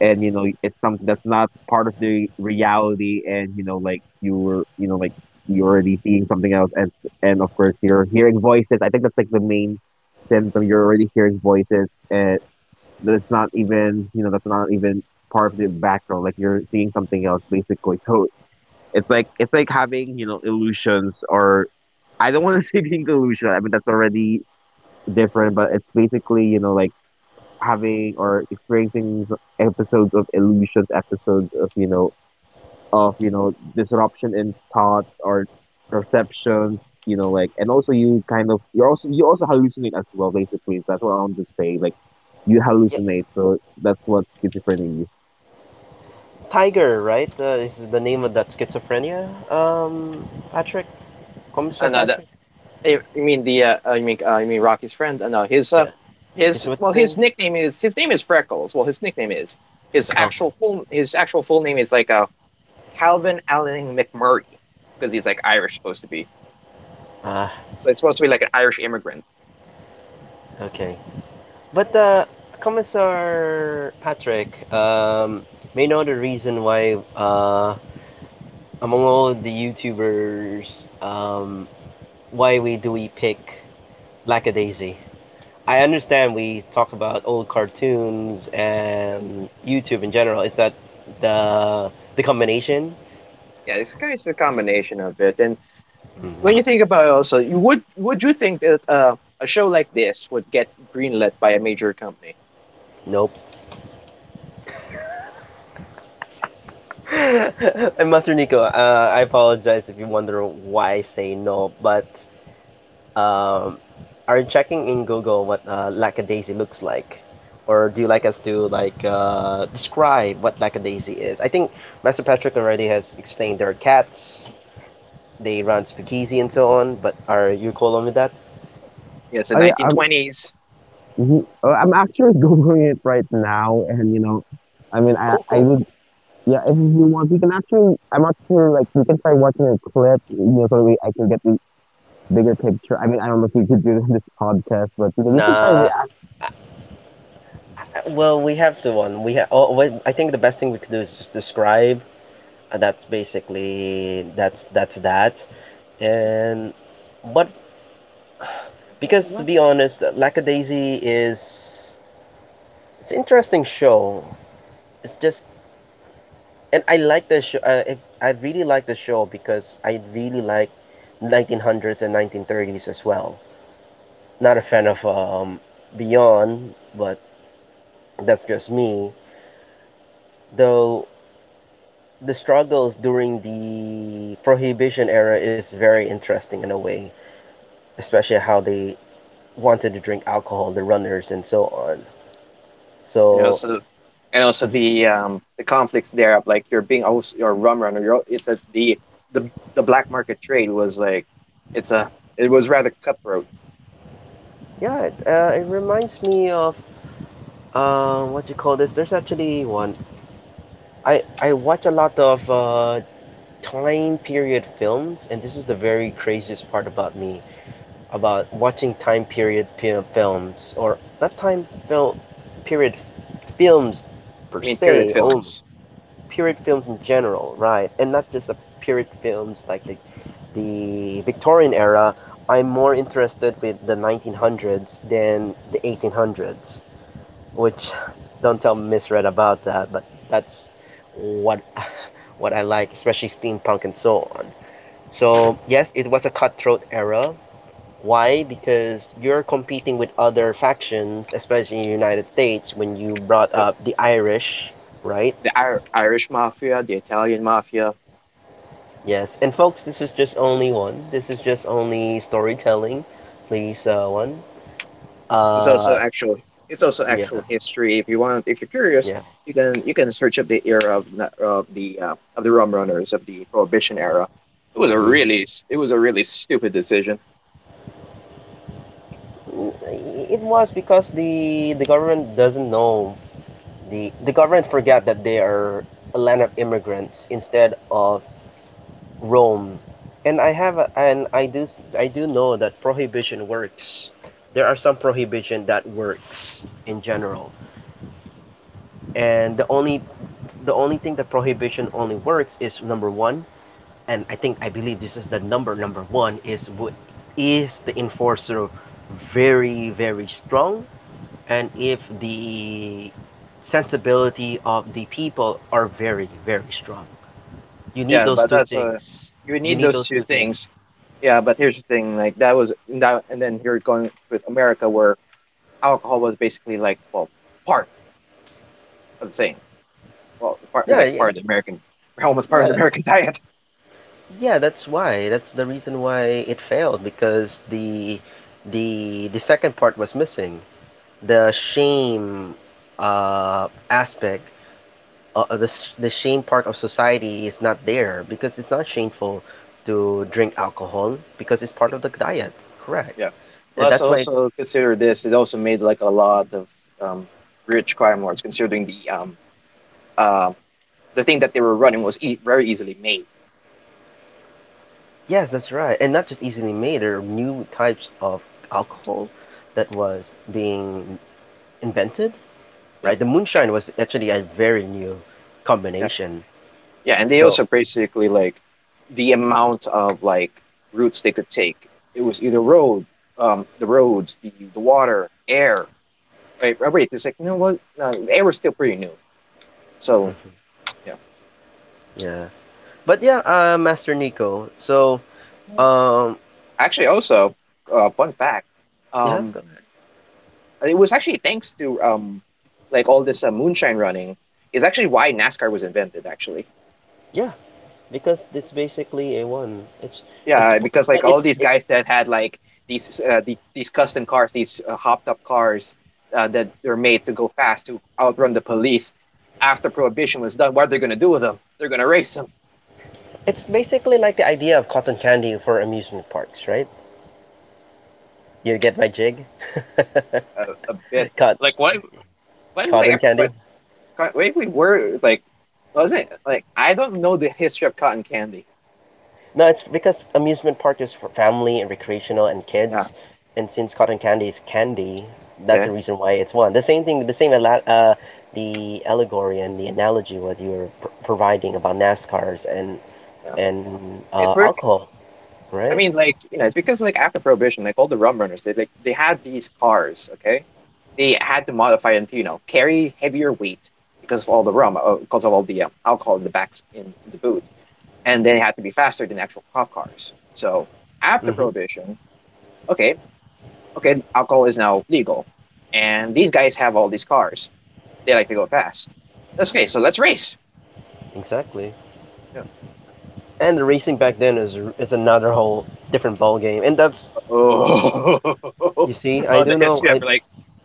[SPEAKER 3] and you know it's something that's not part of the reality and you know like you know like you're already seeing something else and of course you're hearing voices I think that's like the main symptom you're already hearing voices and that's not even that's not even part of the background like you're seeing something else basically so it's like having you know illusions or I don't want to say being delusional. I mean, that's already different, but it's basically, you know, like having or experiencing episodes of illusions, episodes of, you know, disruption in thoughts or perceptions, you know, like, and also you're also, you also hallucinate as well, basically. That's what I want to say. Like, you
[SPEAKER 1] Yeah,
[SPEAKER 3] hallucinate. So that's what schizophrenia is.
[SPEAKER 1] Tiger, right? Is the name of that schizophrenia? Patrick, Commissar
[SPEAKER 2] uh, the,
[SPEAKER 1] Patrick.
[SPEAKER 2] I mean Rocky's friend. No, his,
[SPEAKER 1] Yeah, is what's
[SPEAKER 2] well,
[SPEAKER 1] his name?
[SPEAKER 2] his name is Freckles. Well, his nickname is
[SPEAKER 1] Okay.
[SPEAKER 2] his actual full name is like a, Calvin Allen McMurray, because he's like Irish supposed to be.
[SPEAKER 1] Ah,
[SPEAKER 2] So it's supposed to be like an Irish immigrant.
[SPEAKER 1] okay. But Commissar Patrick may know the reason why among all the YouTubers um why we pick lackadaisy. I understand we talk about old cartoons and YouTube in general. It's that the the combination?
[SPEAKER 2] Yeah, this guy is a combination of it. And
[SPEAKER 1] Mm-hmm.
[SPEAKER 2] when you think about it also, you would you think that a show like this would get greenlit by a major company?
[SPEAKER 1] Nope. And Master Nico, I apologize if you wonder why I say no, but um, are you checking in Google what lackadaisy looks like? Or do you like us to describe what lackadaisy is? I think Master Patrick already has explained there are cats, they run speakeasy and so on, but are you cool on with that?
[SPEAKER 2] Yeah, it's the
[SPEAKER 3] Oh yeah, I'm
[SPEAKER 2] 1920s.
[SPEAKER 3] mhm. I'm actually googling it right now, and you know,
[SPEAKER 1] Cool,
[SPEAKER 3] I
[SPEAKER 1] cool.
[SPEAKER 3] Yeah, if you want, we can actually. I'm not sure, like we can try watching a clip. You know, I can get the bigger picture. I mean, I don't know if we could do this podcast, but you know, we can try
[SPEAKER 1] Nah,
[SPEAKER 3] react.
[SPEAKER 1] well, we have to one. We ha- oh, wait, I think the best thing we could do is just describe. That's basically that's that. And but because to be honest, Lackadaisy is it's an interesting show. It's just and I like the show. If, I really like the show because I really like 1900s and 1930s as well. Not a fan of Beyond, but that's just me. Though the struggles during the prohibition era is very interesting in a way, especially how they wanted to drink alcohol, the runners and so on.
[SPEAKER 2] You know,
[SPEAKER 1] So
[SPEAKER 2] so, and also
[SPEAKER 1] mm-hmm.
[SPEAKER 2] the, the conflicts there of, like, you're being, oh, you're a rum runner. You're, it's a the, the black market trade was like, it's a, it was rather cutthroat.
[SPEAKER 1] Yeah, it, it reminds me of what you call this. There's actually one. I watch a lot of time period films, and this is the very craziest part about me about watching time period pi- films or not time film period films per
[SPEAKER 2] I mean, period
[SPEAKER 1] se only
[SPEAKER 2] films.
[SPEAKER 1] period films in general, right? And not just a period films like the Victorian era. I'm more interested with the 1900s than the 1800s, which don't tell Misread about that, but that's what what I like, especially steampunk and so on. So yes, it was a cutthroat era. Why? Because you're competing with other factions, especially in the United States, when you brought
[SPEAKER 2] Yep.
[SPEAKER 1] up the Irish, right?
[SPEAKER 2] The Irish mafia, the Italian mafia.
[SPEAKER 1] Yes, and folks, this is just only one. This is just only storytelling, please. One.
[SPEAKER 2] It's also
[SPEAKER 1] Uh,
[SPEAKER 2] actual. It's also
[SPEAKER 1] yeah,
[SPEAKER 2] actual history. If you want, if you're curious,
[SPEAKER 1] yeah.
[SPEAKER 2] you can, search up the era of the, of the rum runners of the prohibition era. It was a
[SPEAKER 1] Mhm.
[SPEAKER 2] really it was a really stupid decision.
[SPEAKER 1] Mm, it was because the government doesn't know the government forgot that they are a land of immigrants instead of Rome, and I I do know that prohibition works. There are some prohibition that works in general, and the only thing that prohibition only works is number one, and I think I believe this is the number number one is what is the enforcer very very strong, and if the sensibility of the people are very very strong you need
[SPEAKER 2] Yeah,
[SPEAKER 1] those
[SPEAKER 2] but
[SPEAKER 1] two
[SPEAKER 2] that's a
[SPEAKER 1] things,
[SPEAKER 2] you
[SPEAKER 1] you
[SPEAKER 2] need
[SPEAKER 1] need
[SPEAKER 2] those
[SPEAKER 1] those
[SPEAKER 2] two
[SPEAKER 1] two things
[SPEAKER 2] things. Yeah, but here's the thing, like, that was, and that, and then you're going with America where alcohol was basically like, well, part of the thing. Well, part is
[SPEAKER 1] yeah
[SPEAKER 2] like
[SPEAKER 1] yeah
[SPEAKER 2] part
[SPEAKER 1] that-
[SPEAKER 2] of the American, almost part of
[SPEAKER 1] yeah,
[SPEAKER 2] the
[SPEAKER 1] that-
[SPEAKER 2] American diet.
[SPEAKER 1] yeah, that's why that's the reason why it failed because the second part was missing, the shame aspect the, sh- the shame part of society is not there because it's not shameful to drink alcohol because it's part
[SPEAKER 2] Yeah,
[SPEAKER 1] of the diet, correct?
[SPEAKER 2] yeah.
[SPEAKER 1] And
[SPEAKER 2] Plus,
[SPEAKER 1] that's why,
[SPEAKER 2] also consider this, it also made like a lot of, um, rich crime lords, considering the, uh, the thing that they were running was very easily made.
[SPEAKER 1] yes, that's right. And not just easily made, there are new types of alcohol that was being invented, right?
[SPEAKER 2] Yep.
[SPEAKER 1] The
[SPEAKER 2] Yeah,
[SPEAKER 1] moonshine was actually a very new
[SPEAKER 2] yeah.
[SPEAKER 1] combination.
[SPEAKER 2] Yeah, and they
[SPEAKER 1] So,
[SPEAKER 2] also basically like the amount of like routes they could take. It was either road, the roads, the water, air. Wait, oh, wait, it's like, you know what? No, air was still pretty new. So
[SPEAKER 1] mhm,
[SPEAKER 2] yeah,
[SPEAKER 1] yeah. But yeah, Master Nico. So, um,
[SPEAKER 2] actually, also fun fact,
[SPEAKER 1] yeah,
[SPEAKER 2] um,
[SPEAKER 1] go ahead.
[SPEAKER 2] it was actually thanks to, like, all this moonshine running is actually why NASCAR was invented. Actually.
[SPEAKER 1] Yeah. Because it's basically a one. It's
[SPEAKER 2] Yeah, because
[SPEAKER 1] it's like
[SPEAKER 2] like all
[SPEAKER 1] it's
[SPEAKER 2] these
[SPEAKER 1] it,
[SPEAKER 2] guys that had like these these custom cars, these hopped up cars that were made to go fast to outrun the police. After prohibition was done, what are they going to do with them? They're going to race them
[SPEAKER 1] it's basically like the idea of cotton candy for amusement parks, right? You get my jig,
[SPEAKER 2] a bit.
[SPEAKER 1] Cot-
[SPEAKER 2] Like what? When was
[SPEAKER 1] cotton
[SPEAKER 2] like
[SPEAKER 1] candy.
[SPEAKER 2] what? Wait, we were like, was it like, I don't know the history of cotton candy.
[SPEAKER 1] No, it's because amusement park is for family and recreational and
[SPEAKER 2] Yeah,
[SPEAKER 1] kids, and since cotton candy is candy, that's
[SPEAKER 2] yeah,
[SPEAKER 1] the reason why it's one. The same thing, the allegory and the analogy what you were providing about NASCARs
[SPEAKER 2] yeah.
[SPEAKER 1] and
[SPEAKER 2] It's very
[SPEAKER 1] alcohol,
[SPEAKER 2] I
[SPEAKER 1] right?
[SPEAKER 2] mean, like, you know, it's because like after prohibition, like, all the rum runners, they like, they had these cars. Okay, they had to modify them to, you know, carry heavier weight because of all the rum, because of all the, alcohol in the backs in the boot, and they had to be faster than actual cop cars. So after
[SPEAKER 1] Mm-hmm.
[SPEAKER 2] prohibition, okay, okay, alcohol is now legal, and these guys have all these cars. They like to go fast. That's okay. So let's race.
[SPEAKER 1] Exactly.
[SPEAKER 2] Yeah.
[SPEAKER 1] And the racing back then is another whole different ball game. And that's
[SPEAKER 2] Oh,
[SPEAKER 1] you see, I
[SPEAKER 2] oh, the
[SPEAKER 1] do know.
[SPEAKER 2] history of like,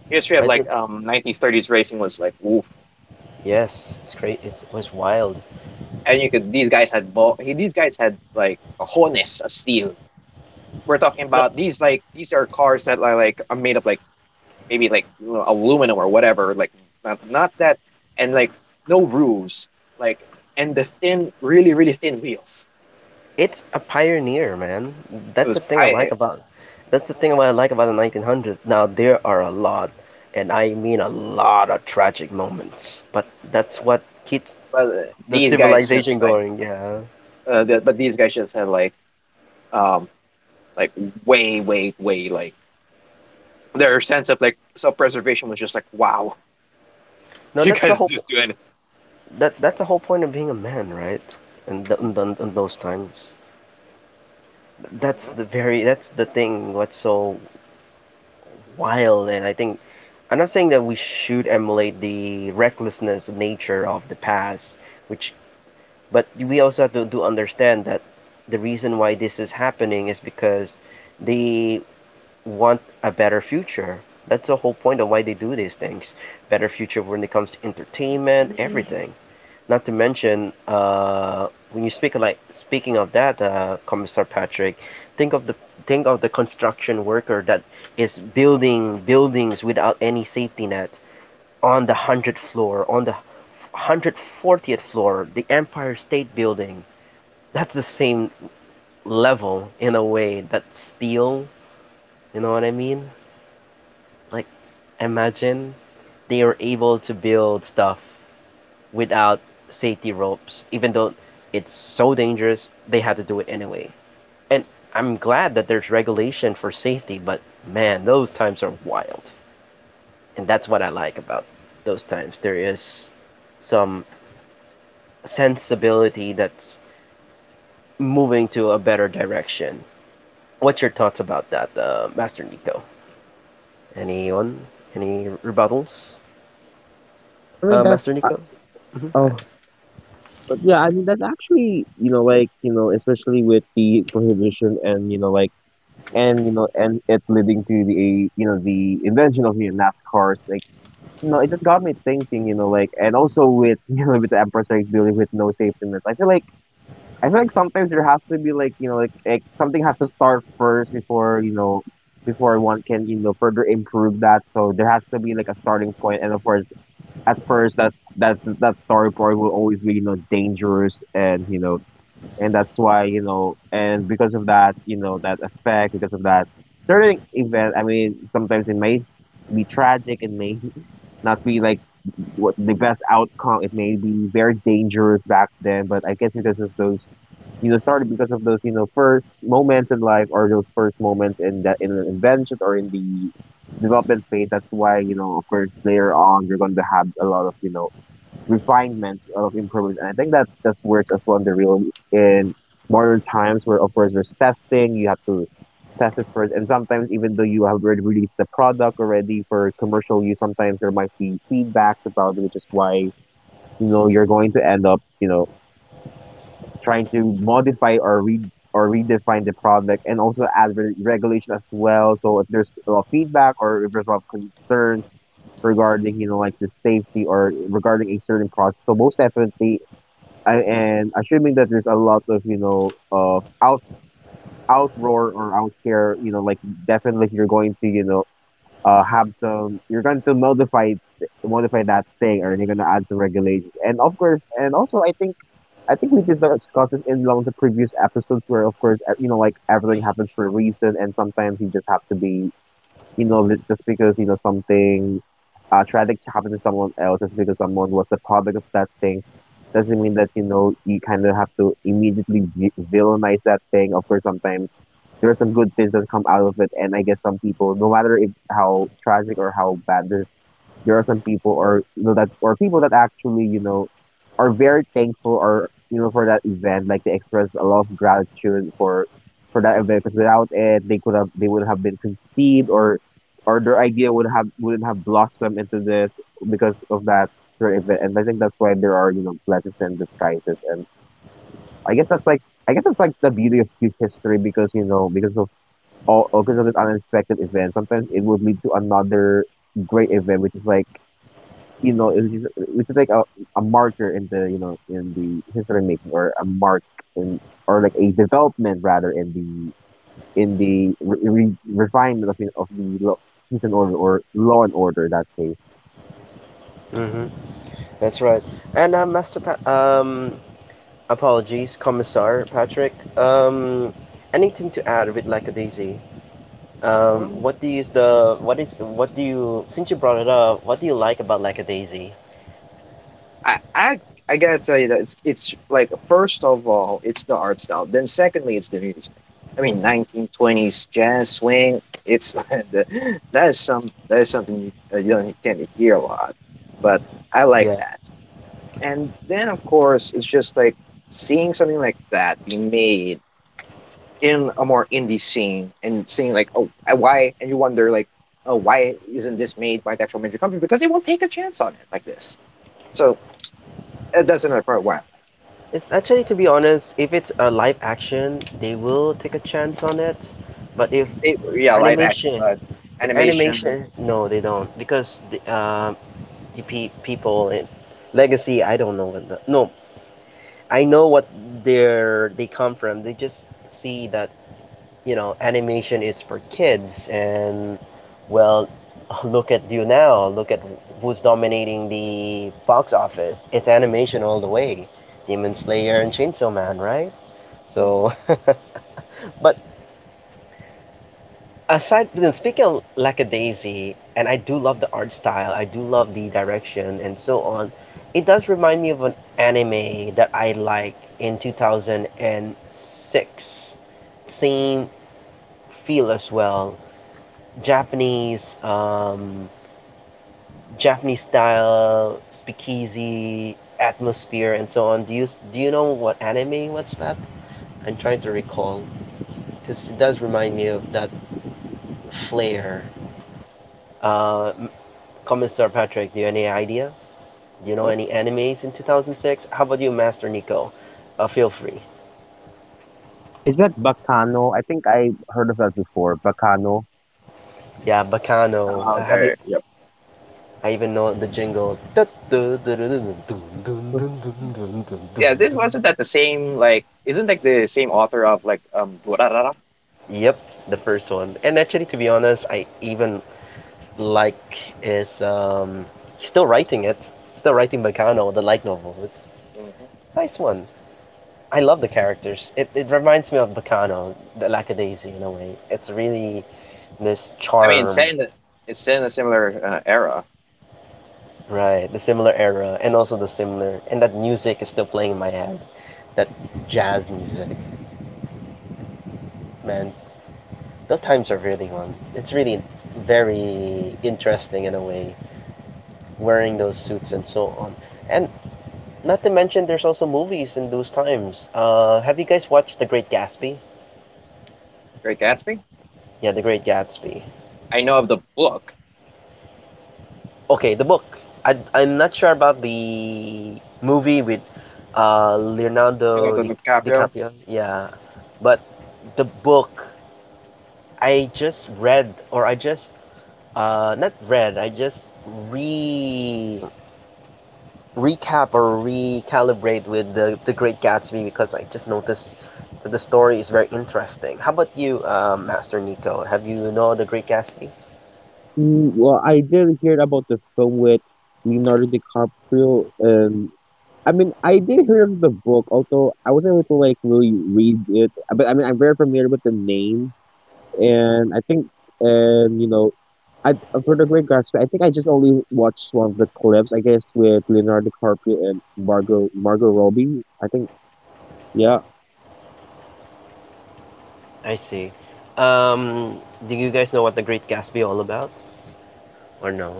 [SPEAKER 1] I did.
[SPEAKER 2] 1930s racing was like, oof.
[SPEAKER 1] Yes, it's great. It's, it was wild.
[SPEAKER 2] And you could, these guys had like a harness of steel. We're talking
[SPEAKER 1] No,
[SPEAKER 2] about these, like, these are cars that are like, are made of like, maybe like, you know, aluminum or whatever, like, not, not that, and like, no roofs, like, and the thin, really, really thin wheels.
[SPEAKER 1] it's a pioneer, man.
[SPEAKER 2] It
[SPEAKER 1] That's the
[SPEAKER 2] was
[SPEAKER 1] thing I
[SPEAKER 2] I.
[SPEAKER 1] like about. That's the thing what I like about the 1900s. Now there are a lot, and I mean a lot of tragic moments. But that's
[SPEAKER 2] Yeah,
[SPEAKER 1] what keeps
[SPEAKER 2] but
[SPEAKER 1] the
[SPEAKER 2] these guys
[SPEAKER 1] civilization
[SPEAKER 2] just like
[SPEAKER 1] going. Yeah.
[SPEAKER 2] but these guys just had like, um like, way, way, way, like, their sense of, like, self preservation was just like, wow.
[SPEAKER 1] No,
[SPEAKER 2] You
[SPEAKER 1] that's the
[SPEAKER 2] guys
[SPEAKER 1] whole.
[SPEAKER 2] just do
[SPEAKER 1] That that's the whole point of being a man, right? And
[SPEAKER 2] anything.
[SPEAKER 1] in those times, that's the very. That's the thing. What's so wild, and I think I'm not saying that we should emulate the recklessness nature of the past, which but we also have to, do understand that the reason why this is happening is because they want a better future. That's the whole point of why they do these things. Better future when it comes to entertainment, everything. Not to mention, when you speak like speaking of that, Commissar Patrick, think of the think of the construction worker that is building buildings without any safety net on the 100th floor, on the hundred fortieth floor, the Empire State Building. That's the same level in a way that steel. You know what I mean? Like, imagine they are able to build stuff without safety ropes, even though it's so dangerous, they had to do it anyway. And I'm glad that there's regulation for safety, but man, those times are wild. And that's what I like about those times. There is some sensibility that's moving to a better direction. What's your thoughts about that, Master Nico? Anyone? Any rebuttals,
[SPEAKER 3] I mean, that's
[SPEAKER 1] Master
[SPEAKER 3] uh,
[SPEAKER 1] Nico? Mm-hmm. Go ahead.
[SPEAKER 3] oh, but yeah, I mean, that's actually you know, like you know, especially with the prohibition and you know, like and you know, and it leading to the you know the invention of you know, NASCARs. Like, you know, it just got me thinking. You know, like and also with you know with the Empress like dealing with no safety nets, I feel like sometimes there has to be like you know like something has to start first before you know before one can you know further improve that. So there has to be like a starting point, and of course at first that starting point will always be you know dangerous, and you know and that's why you know and because of that you know that effect because of that certain event. I mean sometimes it may be tragic, it may not be like what the best outcome. It may be very dangerous back then, but I guess because of those, you know, started because of those, you know, first moments in life or those first moments in that in an invention or in the development phase. That's why you know, of course, later on you're going to have a lot of you know refinement of improvements. And I think that just works as well in the real in modern times where of course there's testing, you have to test it first. And sometimes even though you have already released the product already for commercial use, sometimes there might be feedbacks about it, which is why, you're going to end up, trying to modify or read or redefine the product and also add regulation as well. So if there's a lot of feedback or if there's a lot of concerns regarding, you know, like the safety or regarding a certain product. So most definitely and assuming that there's a lot of out outroar or out scare, you know, like definitely you're going to, you know, have some, you're going to modify modify that thing, or you're going to add some regulations. And of course, and also, I think we did discuss this in one of the previous episodes, where of course, you know, like everything happens for a reason, and sometimes you just have to be, you know, just because, you know, something tragic happened to someone else, just because someone was the product of that thing, doesn't mean that, you know, you kind of have to immediately villainize that thing. Of course, sometimes there are some good things that come out of it. And I guess some people, no matter if how tragic or how bad this, there are some people, or you know that, or people that actually, you know, are very thankful, or you know, for that event, like they express a lot of gratitude for that event, because without it, they would have been conceived, or their idea wouldn't have blossomed into this because of that certain event. And I think that's why there are, you know, blessings and disguises. And I guess that's like the beauty of huge history, because you know, because of all, because of this unexpected event, sometimes it would lead to another great event, which is like, you know, it is, which is like a marker in the, you know, in the history making, or a mark in, or like a development rather in the refinement of, of the law, peace and order, or law and order in that case.
[SPEAKER 1] Mm-hmm. That's right. And apologies, Commissar Patrick. Anything to add with like a daisy?
[SPEAKER 2] Mhm.
[SPEAKER 1] What do you is the, what do you since you brought it up? What do you like about like a daisy?
[SPEAKER 2] I, I gotta tell you that it's like, first of all, it's the art style. Then secondly, it's the music. I mean, 1920s jazz swing. It's the, that is some, that is something you, you don't tend to hear a lot, but I like
[SPEAKER 1] Yeah,
[SPEAKER 2] that. And then of course, it's just like seeing something like that be made in a more indie scene, and seeing like, oh, why, and you wonder like, oh, why isn't this made by the actual major company? Because they won't take a chance on it like this. So that's another part why I like.
[SPEAKER 1] it's actually to be honest, if it's a live action, they will take a chance on it. But
[SPEAKER 2] They, yeah, live action,
[SPEAKER 1] animation,
[SPEAKER 2] but
[SPEAKER 1] if
[SPEAKER 2] animation.
[SPEAKER 1] animation, no, they don't because the people in Legacy, I don't know what the no, I know what they come from. They just see that you know, animation is for kids, and well, look at you now. Look at who's dominating the box office. It's animation all the way. Demon Slayer and Chainsaw Man, right?
[SPEAKER 2] Mhm,
[SPEAKER 1] So, but aside, then speaking of Lackadaisy, and I do love the art style. I do love the direction and so on. It does remind me of an anime that I like in 2006. Same feel as well. Japanese Japanese style speakeasy atmosphere and so on. Do you know what anime What's that? I'm trying to recall because it does remind me of that flair. Uh, M- Commissar Patrick, do you have any idea? Do you know
[SPEAKER 2] mhm.
[SPEAKER 1] any animes in 2006? How about you, Master Nico? Feel free.
[SPEAKER 3] Is that Bacano? I think I heard of that before. Bacano.
[SPEAKER 1] Yeah, Bacano.
[SPEAKER 2] Now
[SPEAKER 1] Have you?
[SPEAKER 2] they. Yep.
[SPEAKER 1] I even know the jingle.
[SPEAKER 2] Yeah. This wasn't that the same, like, isn't like the same author of like Durarara?
[SPEAKER 1] Yep, the first one. And actually, to be honest, I even like is he's still writing it, still writing Bacano, the light novel. It's
[SPEAKER 2] Mhm.
[SPEAKER 1] a nice one. I love the characters. It reminds me of Bacano, the Lackadaisy in a way. It's really this
[SPEAKER 2] I mean, it's set
[SPEAKER 1] charm,
[SPEAKER 2] in the, it's set in a similar era.
[SPEAKER 1] right? The similar era, and also the similar, and that music is still playing in my head, that jazz music. Man, those times are really one. It's really very interesting in a way. Wearing those suits and so on. And not to mention, there's also movies in those times. Have you guys watched The Great Gatsby?
[SPEAKER 2] Great Gatsby.
[SPEAKER 1] Yeah, The Great Gatsby.
[SPEAKER 2] I know of the book.
[SPEAKER 1] Okay, the book. I'm not sure about the movie with Leonardo
[SPEAKER 2] Leonardo
[SPEAKER 1] Di,
[SPEAKER 2] DiCaprio.
[SPEAKER 1] DiCaprio. Yeah, but the book I just read, or I just not read, I just re recap or recalibrate with the Great Gatsby because I just noticed that the story is very interesting. How about you, Master Nico? Have you know the Great Gatsby?
[SPEAKER 3] Mm, well, I did hear about the film with Leonardo DiCaprio, and I mean, I did hear of the book, although I wasn't able to like really read it. But I mean, I'm very familiar with the name. And I think, and you know, I, for the Great Gatsby, I think I just only watched one of the clips, I guess, with Leonardo DiCaprio and Margot Robbie, I think. Yeah.
[SPEAKER 1] I see. Um, do you guys know what the Great Gatsby all about, or no?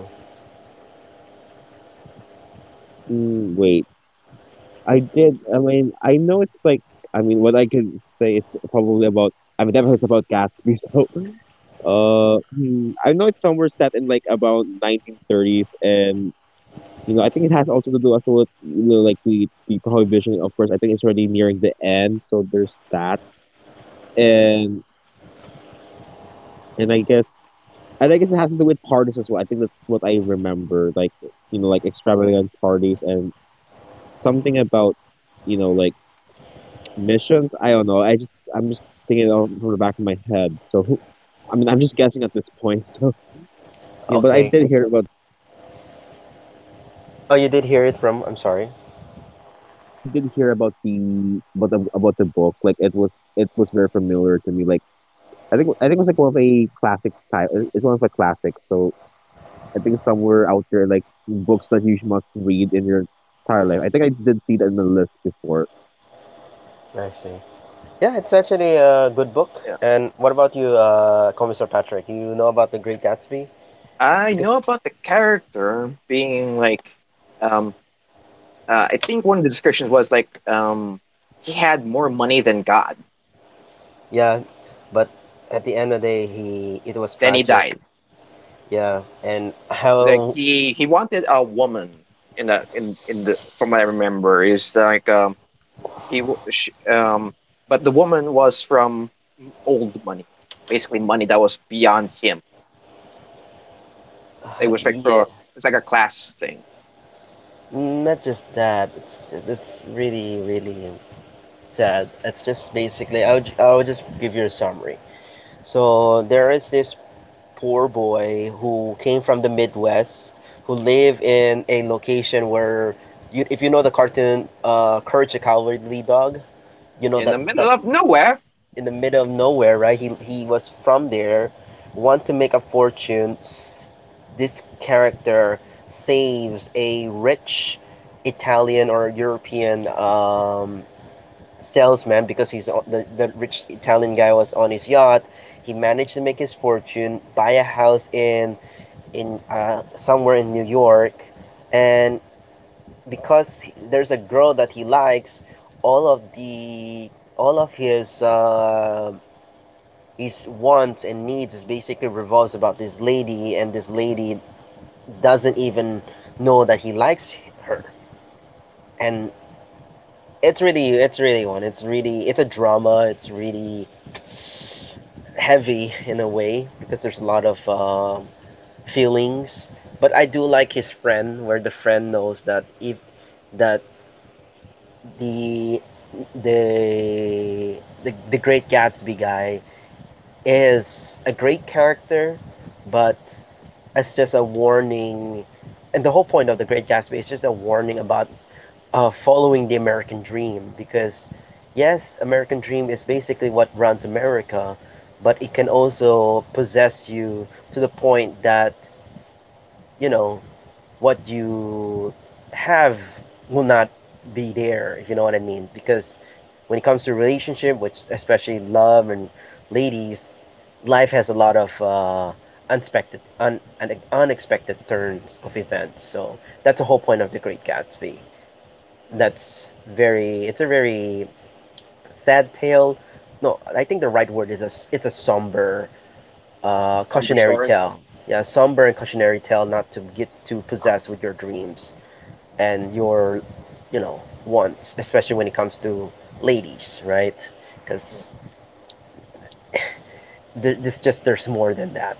[SPEAKER 3] Mm, wait, I mean, I know it's like, I mean, what I can say is probably about, I've never heard about Gatsby so hmm, I know it's somewhere set in like about 1930s, and you know, I think it has also to do also with, you know, like the prohibition. Of course, I think it's already nearing the end, so there's that. And and I guess and I guess it has to do with parties as well. I think that's what I remember, like, you know, like extravagant parties, and something about, you know, like missions. I don't know. I just, I'm just thinking of from the back of my head. So who, I mean, I'm just guessing at this point. So you know, but I
[SPEAKER 1] Okay.
[SPEAKER 3] did hear about.
[SPEAKER 1] Oh, you did hear it from. I'm sorry.
[SPEAKER 3] But I did hear about the about the book. Like it was, it was very familiar to me. Like I think it was like one of the classic type. It's one of the classics. So I think somewhere out there, like books that you must read in your entire life. I think I did see that in the list before.
[SPEAKER 1] I see. Yeah, it's actually a good book.
[SPEAKER 2] Yeah.
[SPEAKER 1] And what about you, Commissar Patrick? You know about the Great Gatsby?
[SPEAKER 2] I
[SPEAKER 1] Because
[SPEAKER 2] know about the character being like, um, I think one of the descriptions was like, he had more money than God.
[SPEAKER 1] yeah, but at the end of the day, he it was
[SPEAKER 2] Then he
[SPEAKER 1] tragic.
[SPEAKER 2] died.
[SPEAKER 1] Yeah, and
[SPEAKER 2] Like
[SPEAKER 1] how,
[SPEAKER 2] he wanted a woman in the in the, from what I remember, is like he w- sh- um but the woman was from old money, basically money that was beyond him. It was like
[SPEAKER 1] yeah,
[SPEAKER 2] for, it's like a class thing.
[SPEAKER 1] not just that. It's just, it's really really sad. It's just basically I'll just give you a summary. So there is this poor boy who came from the Midwest who live in a location where you if you know the cartoon Courage the Cowardly Dog, you know
[SPEAKER 2] In
[SPEAKER 1] that
[SPEAKER 2] the
[SPEAKER 1] that
[SPEAKER 2] middle of nowhere.
[SPEAKER 1] in the middle of nowhere, right? He was from there, want to make a fortune. This character saves a rich Italian or European salesman because he's the rich Italian guy was on his yacht. He managed to make his fortune, buy a house in somewhere in New York, and because there's a girl that he likes, all of the all of his wants and needs is basically revolves about this lady, and this lady doesn't even know that he likes her. And it's really one. It's really, it's a drama. It's really heavy in a way because there's a lot of feelings. But I do like his friend, where the friend knows that if that the the the great Gatsby guy is a great character, but as just a warning. And the whole point of The Great Gatsby is just a warning about following the American dream because, yes, American dream is basically what runs America, but it can also possess you to the point that, you know, what you have will not be there, if you know what I mean. Because when it comes to relationship, which especially love and ladies, life has a lot of unexpected turns of events. So that's the whole point of The Great Gatsby.
[SPEAKER 2] Mm,
[SPEAKER 1] That's very, it's a very sad tale. No, I think the right word is a. It's a somber,
[SPEAKER 2] somber
[SPEAKER 1] cautionary
[SPEAKER 2] story.
[SPEAKER 1] tale. Yeah, somber and cautionary tale not to get too possessed with your dreams and your you know wants, especially when it comes to ladies, right? Because
[SPEAKER 2] Mm.
[SPEAKER 1] th- this just there's more than that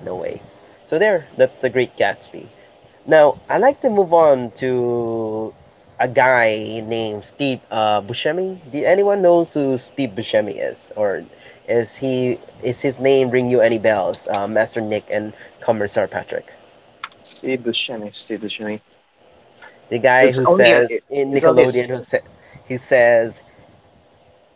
[SPEAKER 1] in a way. So there that's the Great Gatsby. Now I like to move on to a guy named Steve Buscemi. Did anyone knows who Steve Buscemi is, or is he is his name ring you any bells, Master Nick and Commissar Patrick?
[SPEAKER 2] See the shiny, see the shiny.
[SPEAKER 1] The guy
[SPEAKER 2] it's
[SPEAKER 1] who
[SPEAKER 2] only a
[SPEAKER 1] says in
[SPEAKER 2] it's only a s-.
[SPEAKER 1] Nickelodeon he says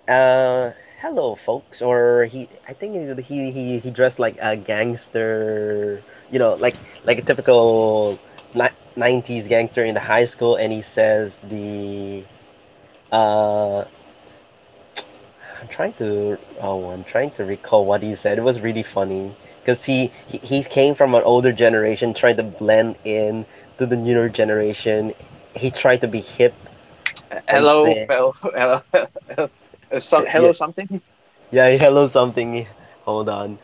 [SPEAKER 1] Uh, hello, folks. Or he, I think he dressed like a gangster. You know, like a typical ni- '90s gangster in the high school, and he says the. Uh, I'm trying to. Oh, I'm trying to recall what he said. It was really funny because he came from an older generation, trying to blend in to the newer generation. He tried to be hip and
[SPEAKER 2] Hello
[SPEAKER 1] say,
[SPEAKER 2] fellow hello uh, so,
[SPEAKER 1] yeah,
[SPEAKER 2] hello something.
[SPEAKER 1] yeah, hello something. Hold on.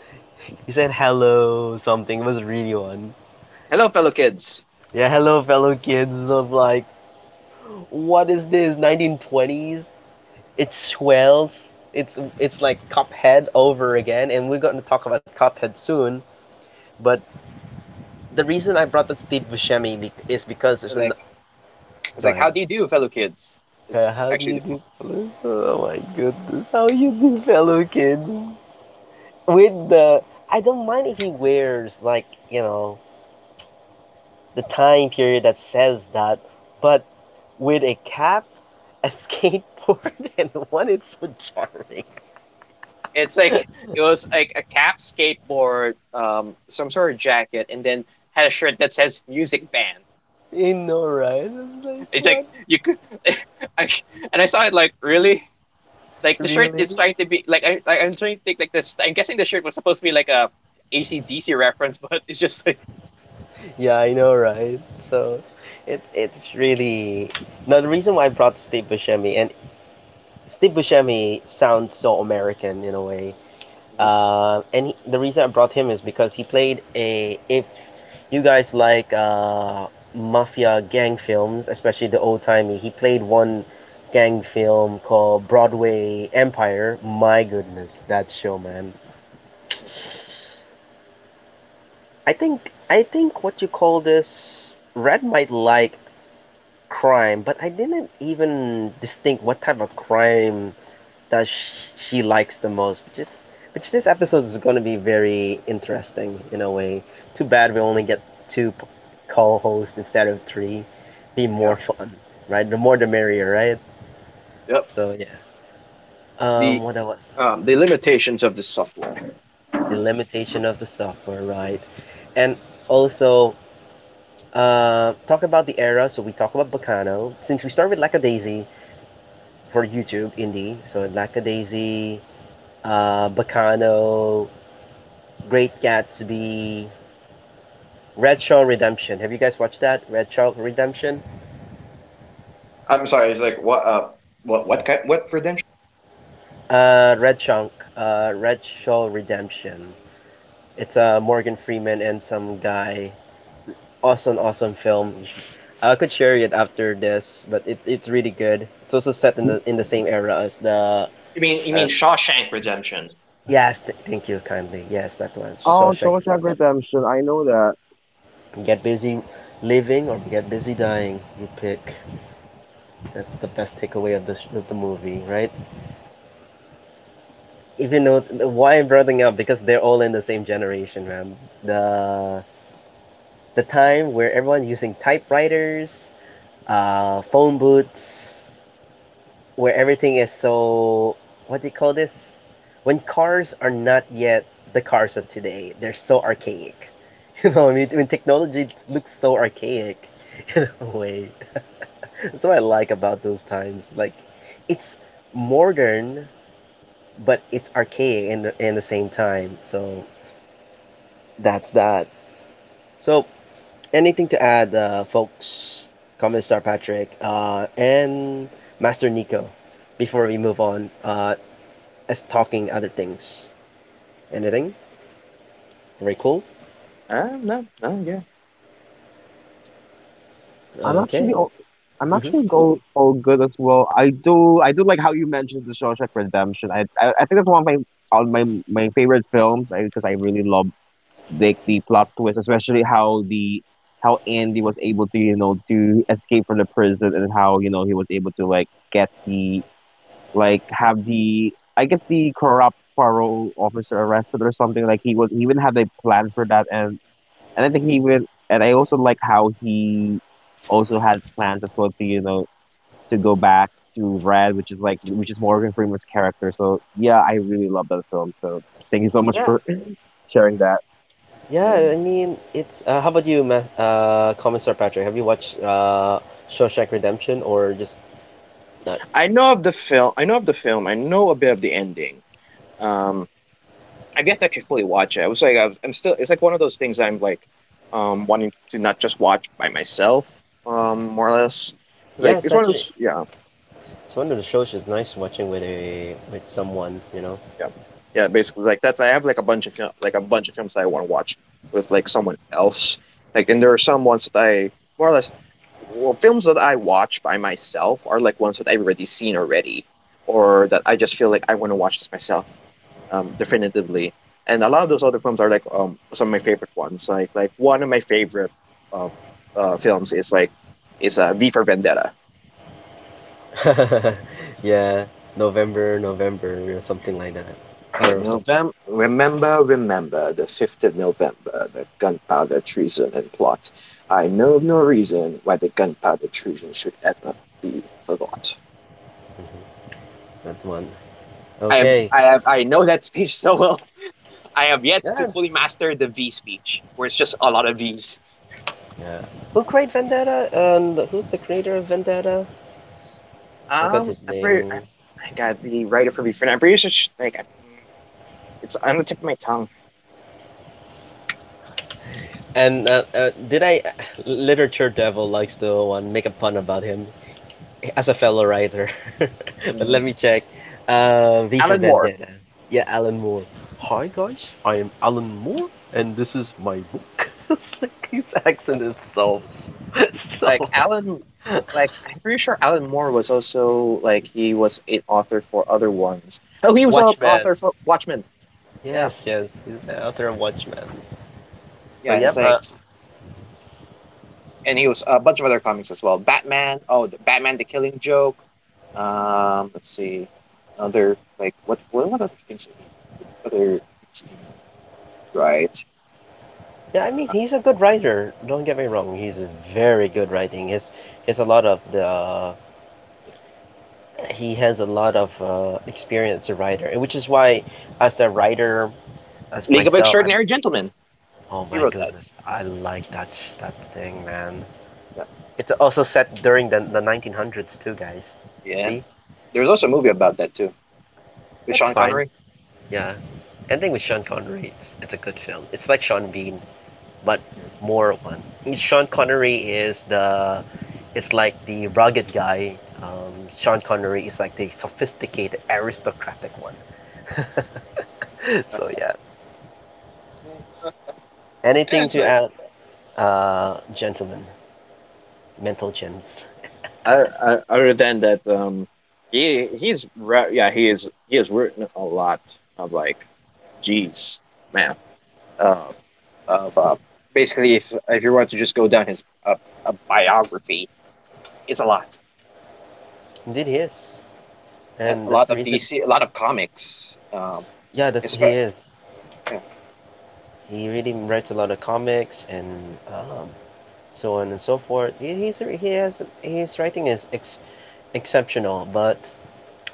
[SPEAKER 1] He said hello something. It was a really one.
[SPEAKER 2] Hello fellow kids.
[SPEAKER 1] Yeah, hello fellow kids. I was like, what is this? 1920s? It's swells. It's it's like Cuphead over again, and we're going to talk about Cuphead soon. But the reason I brought up Steve Buscemi is because there's an.
[SPEAKER 2] Like, it's
[SPEAKER 1] Go
[SPEAKER 2] like,
[SPEAKER 1] ahead.
[SPEAKER 2] how do you do fellow kids?
[SPEAKER 1] Uh,
[SPEAKER 2] It's
[SPEAKER 1] How do
[SPEAKER 2] actually
[SPEAKER 1] you
[SPEAKER 2] the.
[SPEAKER 1] do, fellow? Oh my goodness. How you do, fellow kids? With the. I don't mind if he wears, like, you know, the time period that says that, but with a cap, a skateboard, and one is so charming.
[SPEAKER 2] It's like it was like a cap, skateboard, some sort of jacket, and then had a shirt that says "music band."
[SPEAKER 1] I know, right? I It's like
[SPEAKER 2] It's
[SPEAKER 1] what?
[SPEAKER 2] like you could, I, and I saw it like really, like the shirt
[SPEAKER 1] Really?
[SPEAKER 2] is trying to be like, I'm trying to think like this. I'm guessing the shirt was supposed to be like a ACDC reference, but it's just like.
[SPEAKER 1] Yeah, I know, right? So, it it's really now the reason why I brought Steve Buscemi and Steve Buscemi sounds so American in a way.
[SPEAKER 2] Mm-hmm.
[SPEAKER 1] And he, the reason I brought him is because he played a if you guys like mafia gang films, especially the old timey. He played one gang film called Broadway Empire. My goodness, that show, man. I think what you call this Red might like crime, but I didn't even distinct what type of crime that she likes the most, which is which this episode is going to be very interesting in a way. Too bad we only get two p- co-hosts instead of three. Be
[SPEAKER 2] Yeah.
[SPEAKER 1] more fun, right? The more the merrier, right?
[SPEAKER 2] Yep.
[SPEAKER 1] So yeah. Um,
[SPEAKER 2] The
[SPEAKER 1] what else?
[SPEAKER 2] the limitations of this software.
[SPEAKER 1] The limitation of the software, right? And also talk about the era. So we talk about Bacano since we start with Lackadaisy for YouTube indie. So Lackadaisy, Bacano, Great Gatsby, Red Shaw Redemption. Have you guys watched that? Red Shaw Redemption?
[SPEAKER 2] I'm sorry. It's like what kind what redemption?
[SPEAKER 1] Red Shank. Red Shaw Redemption. It's Morgan Freeman and some guy. Awesome, awesome film. I could share it after this, but it's really good. It's also set in the same era as the.
[SPEAKER 2] You mean you
[SPEAKER 1] As,
[SPEAKER 2] mean Shawshank Redemption?
[SPEAKER 1] yes, thank you kindly. Yes, that one.
[SPEAKER 3] Oh,
[SPEAKER 1] Shawshank
[SPEAKER 3] Shawshank
[SPEAKER 1] Redemption.
[SPEAKER 3] Redemption. I know that.
[SPEAKER 1] Get busy living or get busy dying. You pick. That's the best takeaway of the movie, right? If you know why I'm bringing up, because they're all in the same generation, man. The the time where everyone using typewriters, phone booths, where everything is so what do you call this? When cars are not yet the cars of today, they're so archaic. You know, I mean, when technology looks so archaic, in way. That's what I like about those times. Like, it's modern, but it's archaic in the same time. So that's that. So, anything to add, folks? Comment star Patrick and Master Nico before we move on, as talking other things. Anything? Very cool.
[SPEAKER 2] No no yeah.
[SPEAKER 3] I'm actually
[SPEAKER 1] Okay.
[SPEAKER 3] all, I'm
[SPEAKER 1] Mm-hmm.
[SPEAKER 3] actually go all good as well. I do like how you mentioned the Shawshank Redemption. I think that's one of my on my my favorite films. I because I really love the plot twist, especially how the, how Andy was able to, you know, to escape from the prison, and how, you know, he was able to like get the, like have the, I guess, the corrupt parole officer arrested or something. Like he even had a plan for that. And I think he even and I also like how he also had plans as well to, you know, to go back to Red, which is like, which is Morgan Freeman's character. So yeah, I really love that film. So thank you so much
[SPEAKER 1] Yeah.
[SPEAKER 3] for sharing that.
[SPEAKER 1] Yeah.
[SPEAKER 2] Mm.
[SPEAKER 1] I mean, it's. How about you, comment star Patrick? Have you watched Shawshank Redemption or just not?
[SPEAKER 2] I know of the film. I know of the film. I know a bit of the ending. Um, I've yet to actually fully watch it. I was like, I was, I'm still. It's like one of those things. I'm like, wanting to not just watch by myself. More or less. It's
[SPEAKER 1] Yeah,
[SPEAKER 2] like
[SPEAKER 1] it's
[SPEAKER 2] it's one of
[SPEAKER 1] actually
[SPEAKER 2] those. Yeah.
[SPEAKER 1] it's one of the shows that's nice watching with a with someone, you know.
[SPEAKER 2] Yeah. Yeah, basically like that's, I have like a bunch of film, like a bunch of films that I want to watch with like someone else. Like, and there are some ones that I, more or less, well, films that I watch by myself are like ones that I've already seen already, or that I just feel like I want to watch this myself definitively. And a lot of those other films are like some of my favorite ones. Like one of my favorite uh, films is like, is V for Vendetta.
[SPEAKER 1] Yeah, November, November, or something like that,
[SPEAKER 2] At
[SPEAKER 1] or some
[SPEAKER 2] November, remember the 5th of November, the gunpowder treason and plot. I know of no reason why the gunpowder treason should ever be forgot.
[SPEAKER 1] that one. Okay,
[SPEAKER 2] I know that speech so well. I have yet
[SPEAKER 1] yeah,
[SPEAKER 2] to fully master the V speech, where it's just a lot of V's.
[SPEAKER 1] yeah. Who created Vendetta? And who's the creator of Vendetta? I forgot
[SPEAKER 2] Um,
[SPEAKER 1] his
[SPEAKER 2] I'm pretty, I,
[SPEAKER 1] name.
[SPEAKER 2] I got the writer for V friend. I'm pretty sure, like, I, it's on the tip of my tongue.
[SPEAKER 1] And did I? Literature Devil likes to make a pun about him as a fellow writer. But
[SPEAKER 2] Mm,
[SPEAKER 1] let me check. V for
[SPEAKER 2] Alan Moore.
[SPEAKER 1] Vendetta. Yeah, Alan Moore. Hi guys, I am Alan Moore, and this is my book. It's like his accent is so,
[SPEAKER 2] Like
[SPEAKER 1] so.
[SPEAKER 2] Alan, like I'm pretty sure Alan Moore was also like, he was an author for other ones. Oh, he was a
[SPEAKER 1] Watchman.
[SPEAKER 2] author for Watchmen.
[SPEAKER 1] Yes,
[SPEAKER 2] Yeah,
[SPEAKER 1] yes, he's the author of Watchmen. So
[SPEAKER 2] yeah. It's
[SPEAKER 1] yep, uh,
[SPEAKER 2] like, and he was a bunch of other comics as well. Batman. Oh, the Batman: The Killing Joke. Let's see, other like what other things did he, what other things did he write?
[SPEAKER 1] yeah, I mean he's a good writer. Don't get me wrong, he's very good writing. His he has a lot of the he has a lot of experience as a writer, which is why as a writer as
[SPEAKER 2] League of
[SPEAKER 1] myself, I
[SPEAKER 2] Extraordinary Gentlemen.
[SPEAKER 1] Oh
[SPEAKER 2] He
[SPEAKER 1] my
[SPEAKER 2] wrote that.
[SPEAKER 1] goodness, I like that thing, man.
[SPEAKER 2] Yeah,
[SPEAKER 1] It's also set during the 1900s too, guys.
[SPEAKER 2] yeah.
[SPEAKER 1] See,
[SPEAKER 2] There's also a movie about that too, with
[SPEAKER 1] it's
[SPEAKER 2] Sean
[SPEAKER 1] fine.
[SPEAKER 2] Connery.
[SPEAKER 1] Yeah, ending with Sean Connery, it's a good film. It's like Sean Bean, but
[SPEAKER 2] Mm-hmm.
[SPEAKER 1] more one. Sean Connery is the, it's like the rugged guy. Um, Sean Connery is like the sophisticated aristocratic one. So yeah.
[SPEAKER 2] Yeah,
[SPEAKER 1] Anything
[SPEAKER 2] it's,
[SPEAKER 1] to add, gentlemen, mental gents.
[SPEAKER 2] other than that, yeah, he is, he has written a lot of like, geez, man, uh, of basically if you want to just go down his a biography, it's a lot.
[SPEAKER 1] Indeed, he is,
[SPEAKER 2] Yeah,
[SPEAKER 1] and
[SPEAKER 2] a
[SPEAKER 1] that's
[SPEAKER 2] lot
[SPEAKER 1] the
[SPEAKER 2] of
[SPEAKER 1] reason.
[SPEAKER 2] DC, a lot of comics
[SPEAKER 1] Yeah, that's
[SPEAKER 2] it's,
[SPEAKER 1] he is.
[SPEAKER 2] yeah
[SPEAKER 1] He really writes a lot of comics and um, so on and so forth. He has his writing is exceptional, but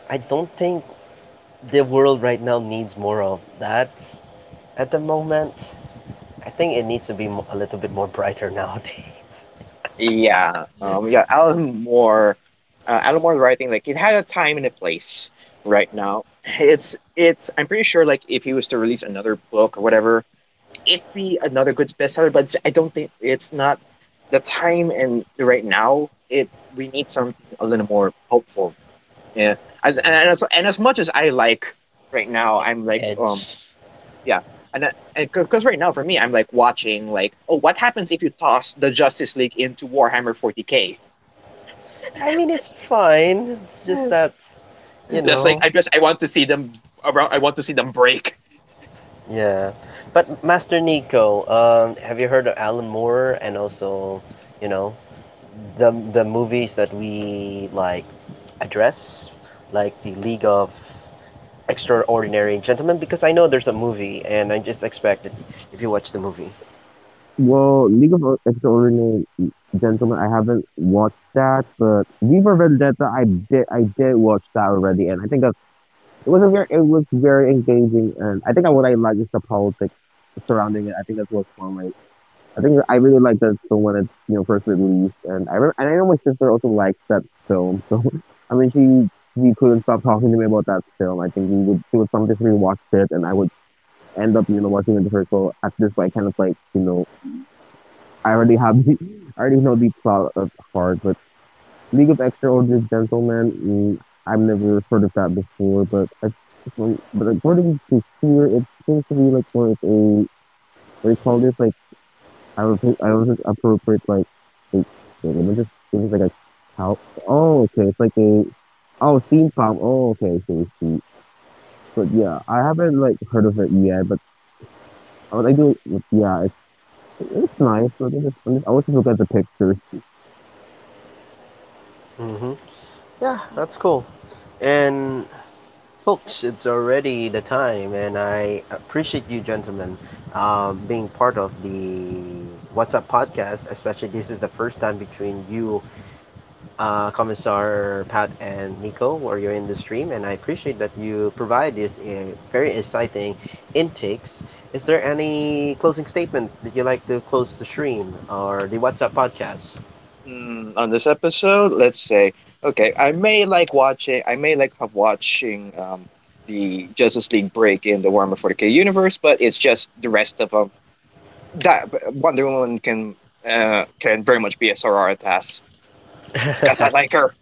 [SPEAKER 1] I don't think the world right now needs more of that at the moment. I think it needs to be a little bit more brighter nowadays.
[SPEAKER 2] yeah yeah Alan Moore, Alan Moore's writing like, it had a time and a place. Right now, it's, I'm pretty sure like if he was to release another book or whatever, it'd be another good bestseller, but I don't think it's not the time and right now. It, we need something a little more hopeful. Yeah,
[SPEAKER 1] Yeah.
[SPEAKER 2] and as much as I like right now, I'm like
[SPEAKER 1] Edge.
[SPEAKER 2] yeah, and because right now for me, I'm like watching like, oh, what happens if you toss the Justice League into Warhammer 40k?
[SPEAKER 1] I mean, it's fine. It's just that you
[SPEAKER 2] That's like,
[SPEAKER 1] know.
[SPEAKER 2] I just, I want to see them around. I want to see them break.
[SPEAKER 1] Yeah. But Master Nico, have you heard of Alan Moore and also, you know, the movies that we like address, like the League of Extraordinary Gentlemen, because I know there's a movie, and I just expect it if you watch the movie.
[SPEAKER 3] Well, League of Extraordinary Gentlemen, I haven't watched that, but Viva Vendetta, I did watch that already, and I think it was a very, it was very engaging, and I think I what I like is the politics surrounding it. I think that's what's fun. Like, I really like that film when it, you know, first released. And I remember, and I know my sister also likes that film. So I mean, she couldn't stop talking to me about that film. I think we would she would sometimes, we watched it, and I would end up, you know, watching it with her. So at this point, kind of like, you know, I already have the, I already know the plot of heart. But League of Extraordinary Gentlemen, mm, I've never heard of that before. But I, from, but according to here, it seems to be like more of a, what do you call this? Like I do was I don't just appropriate, like wait, wait, let me just, this is like a cow. Oh, okay, it's like a, oh, steampunk. Oh, okay, I see, see. But yeah, I haven't like heard of it yet, but I do. But Yeah, it's nice. But I always look at the pictures.
[SPEAKER 1] Mm-hmm. Yeah, that's cool. And folks, it's already the time, and I appreciate you, gentlemen, being part of the What's Up podcast. Especially this is the first time between you, Commissar Pat and Nico, where you're in the stream, and I appreciate that you provide this very exciting intakes. Is there any closing statements that you like to close the stream or the WhatsApp podcast?
[SPEAKER 2] Mm, on this episode, let's say, okay, I may like watching, I may like have watching the Justice League break in the Warhammer 40k universe, but it's just the rest of them. That Wonder Woman can very much be a sororitas, because I like her.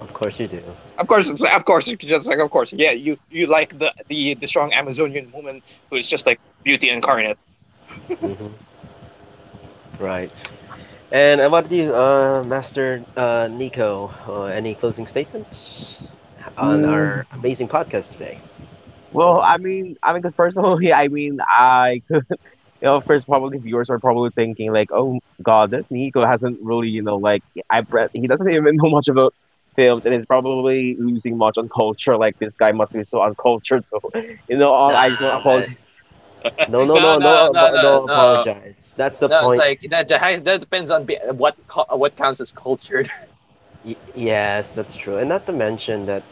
[SPEAKER 1] Of course you do.
[SPEAKER 2] Of course, it's just like, of course, yeah, you like the strong Amazonian woman who is just like beauty incarnate.
[SPEAKER 1] Hmm. Right. And about you, Master Nico, any closing statements on our
[SPEAKER 3] Mm,
[SPEAKER 1] amazing podcast today?
[SPEAKER 3] well, I mean, because personally, I mean, I you know, of course, probably viewers are probably thinking like, "Oh God, this Nico hasn't really, you know, like he doesn't even know much about films, and is probably losing much on culture. Like this guy must be so uncultured." So, you know, all I just want to
[SPEAKER 1] Nah,
[SPEAKER 3] apologize
[SPEAKER 1] no, no,
[SPEAKER 2] No,
[SPEAKER 1] no,
[SPEAKER 2] no, no,
[SPEAKER 1] no, no,
[SPEAKER 2] no, no.
[SPEAKER 1] apologize. That's the
[SPEAKER 2] No, it's
[SPEAKER 1] point.
[SPEAKER 2] like that. That depends on be- what counts as cultured.
[SPEAKER 1] Y- yes, that's true. And not to mention that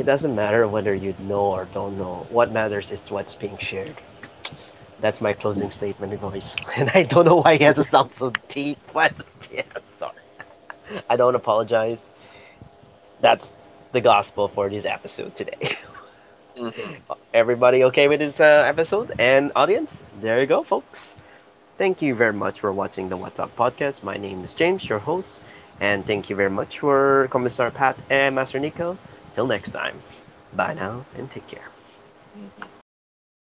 [SPEAKER 1] it doesn't matter whether you know or don't know. What matters is what's being shared. That's my closing statement, guys. And I don't know why he has to sound so deep, but yeah, sorry. I don't apologize. That's the gospel for this episode today.
[SPEAKER 2] Hmm.
[SPEAKER 1] Everybody okay with this episode and audience? There you go, folks. Thank you very much for watching the What's Up podcast. My name is James, your host, and thank you very much for Commissar Pat and Master Nico. Till next time, bye now and take care.
[SPEAKER 2] Hmm.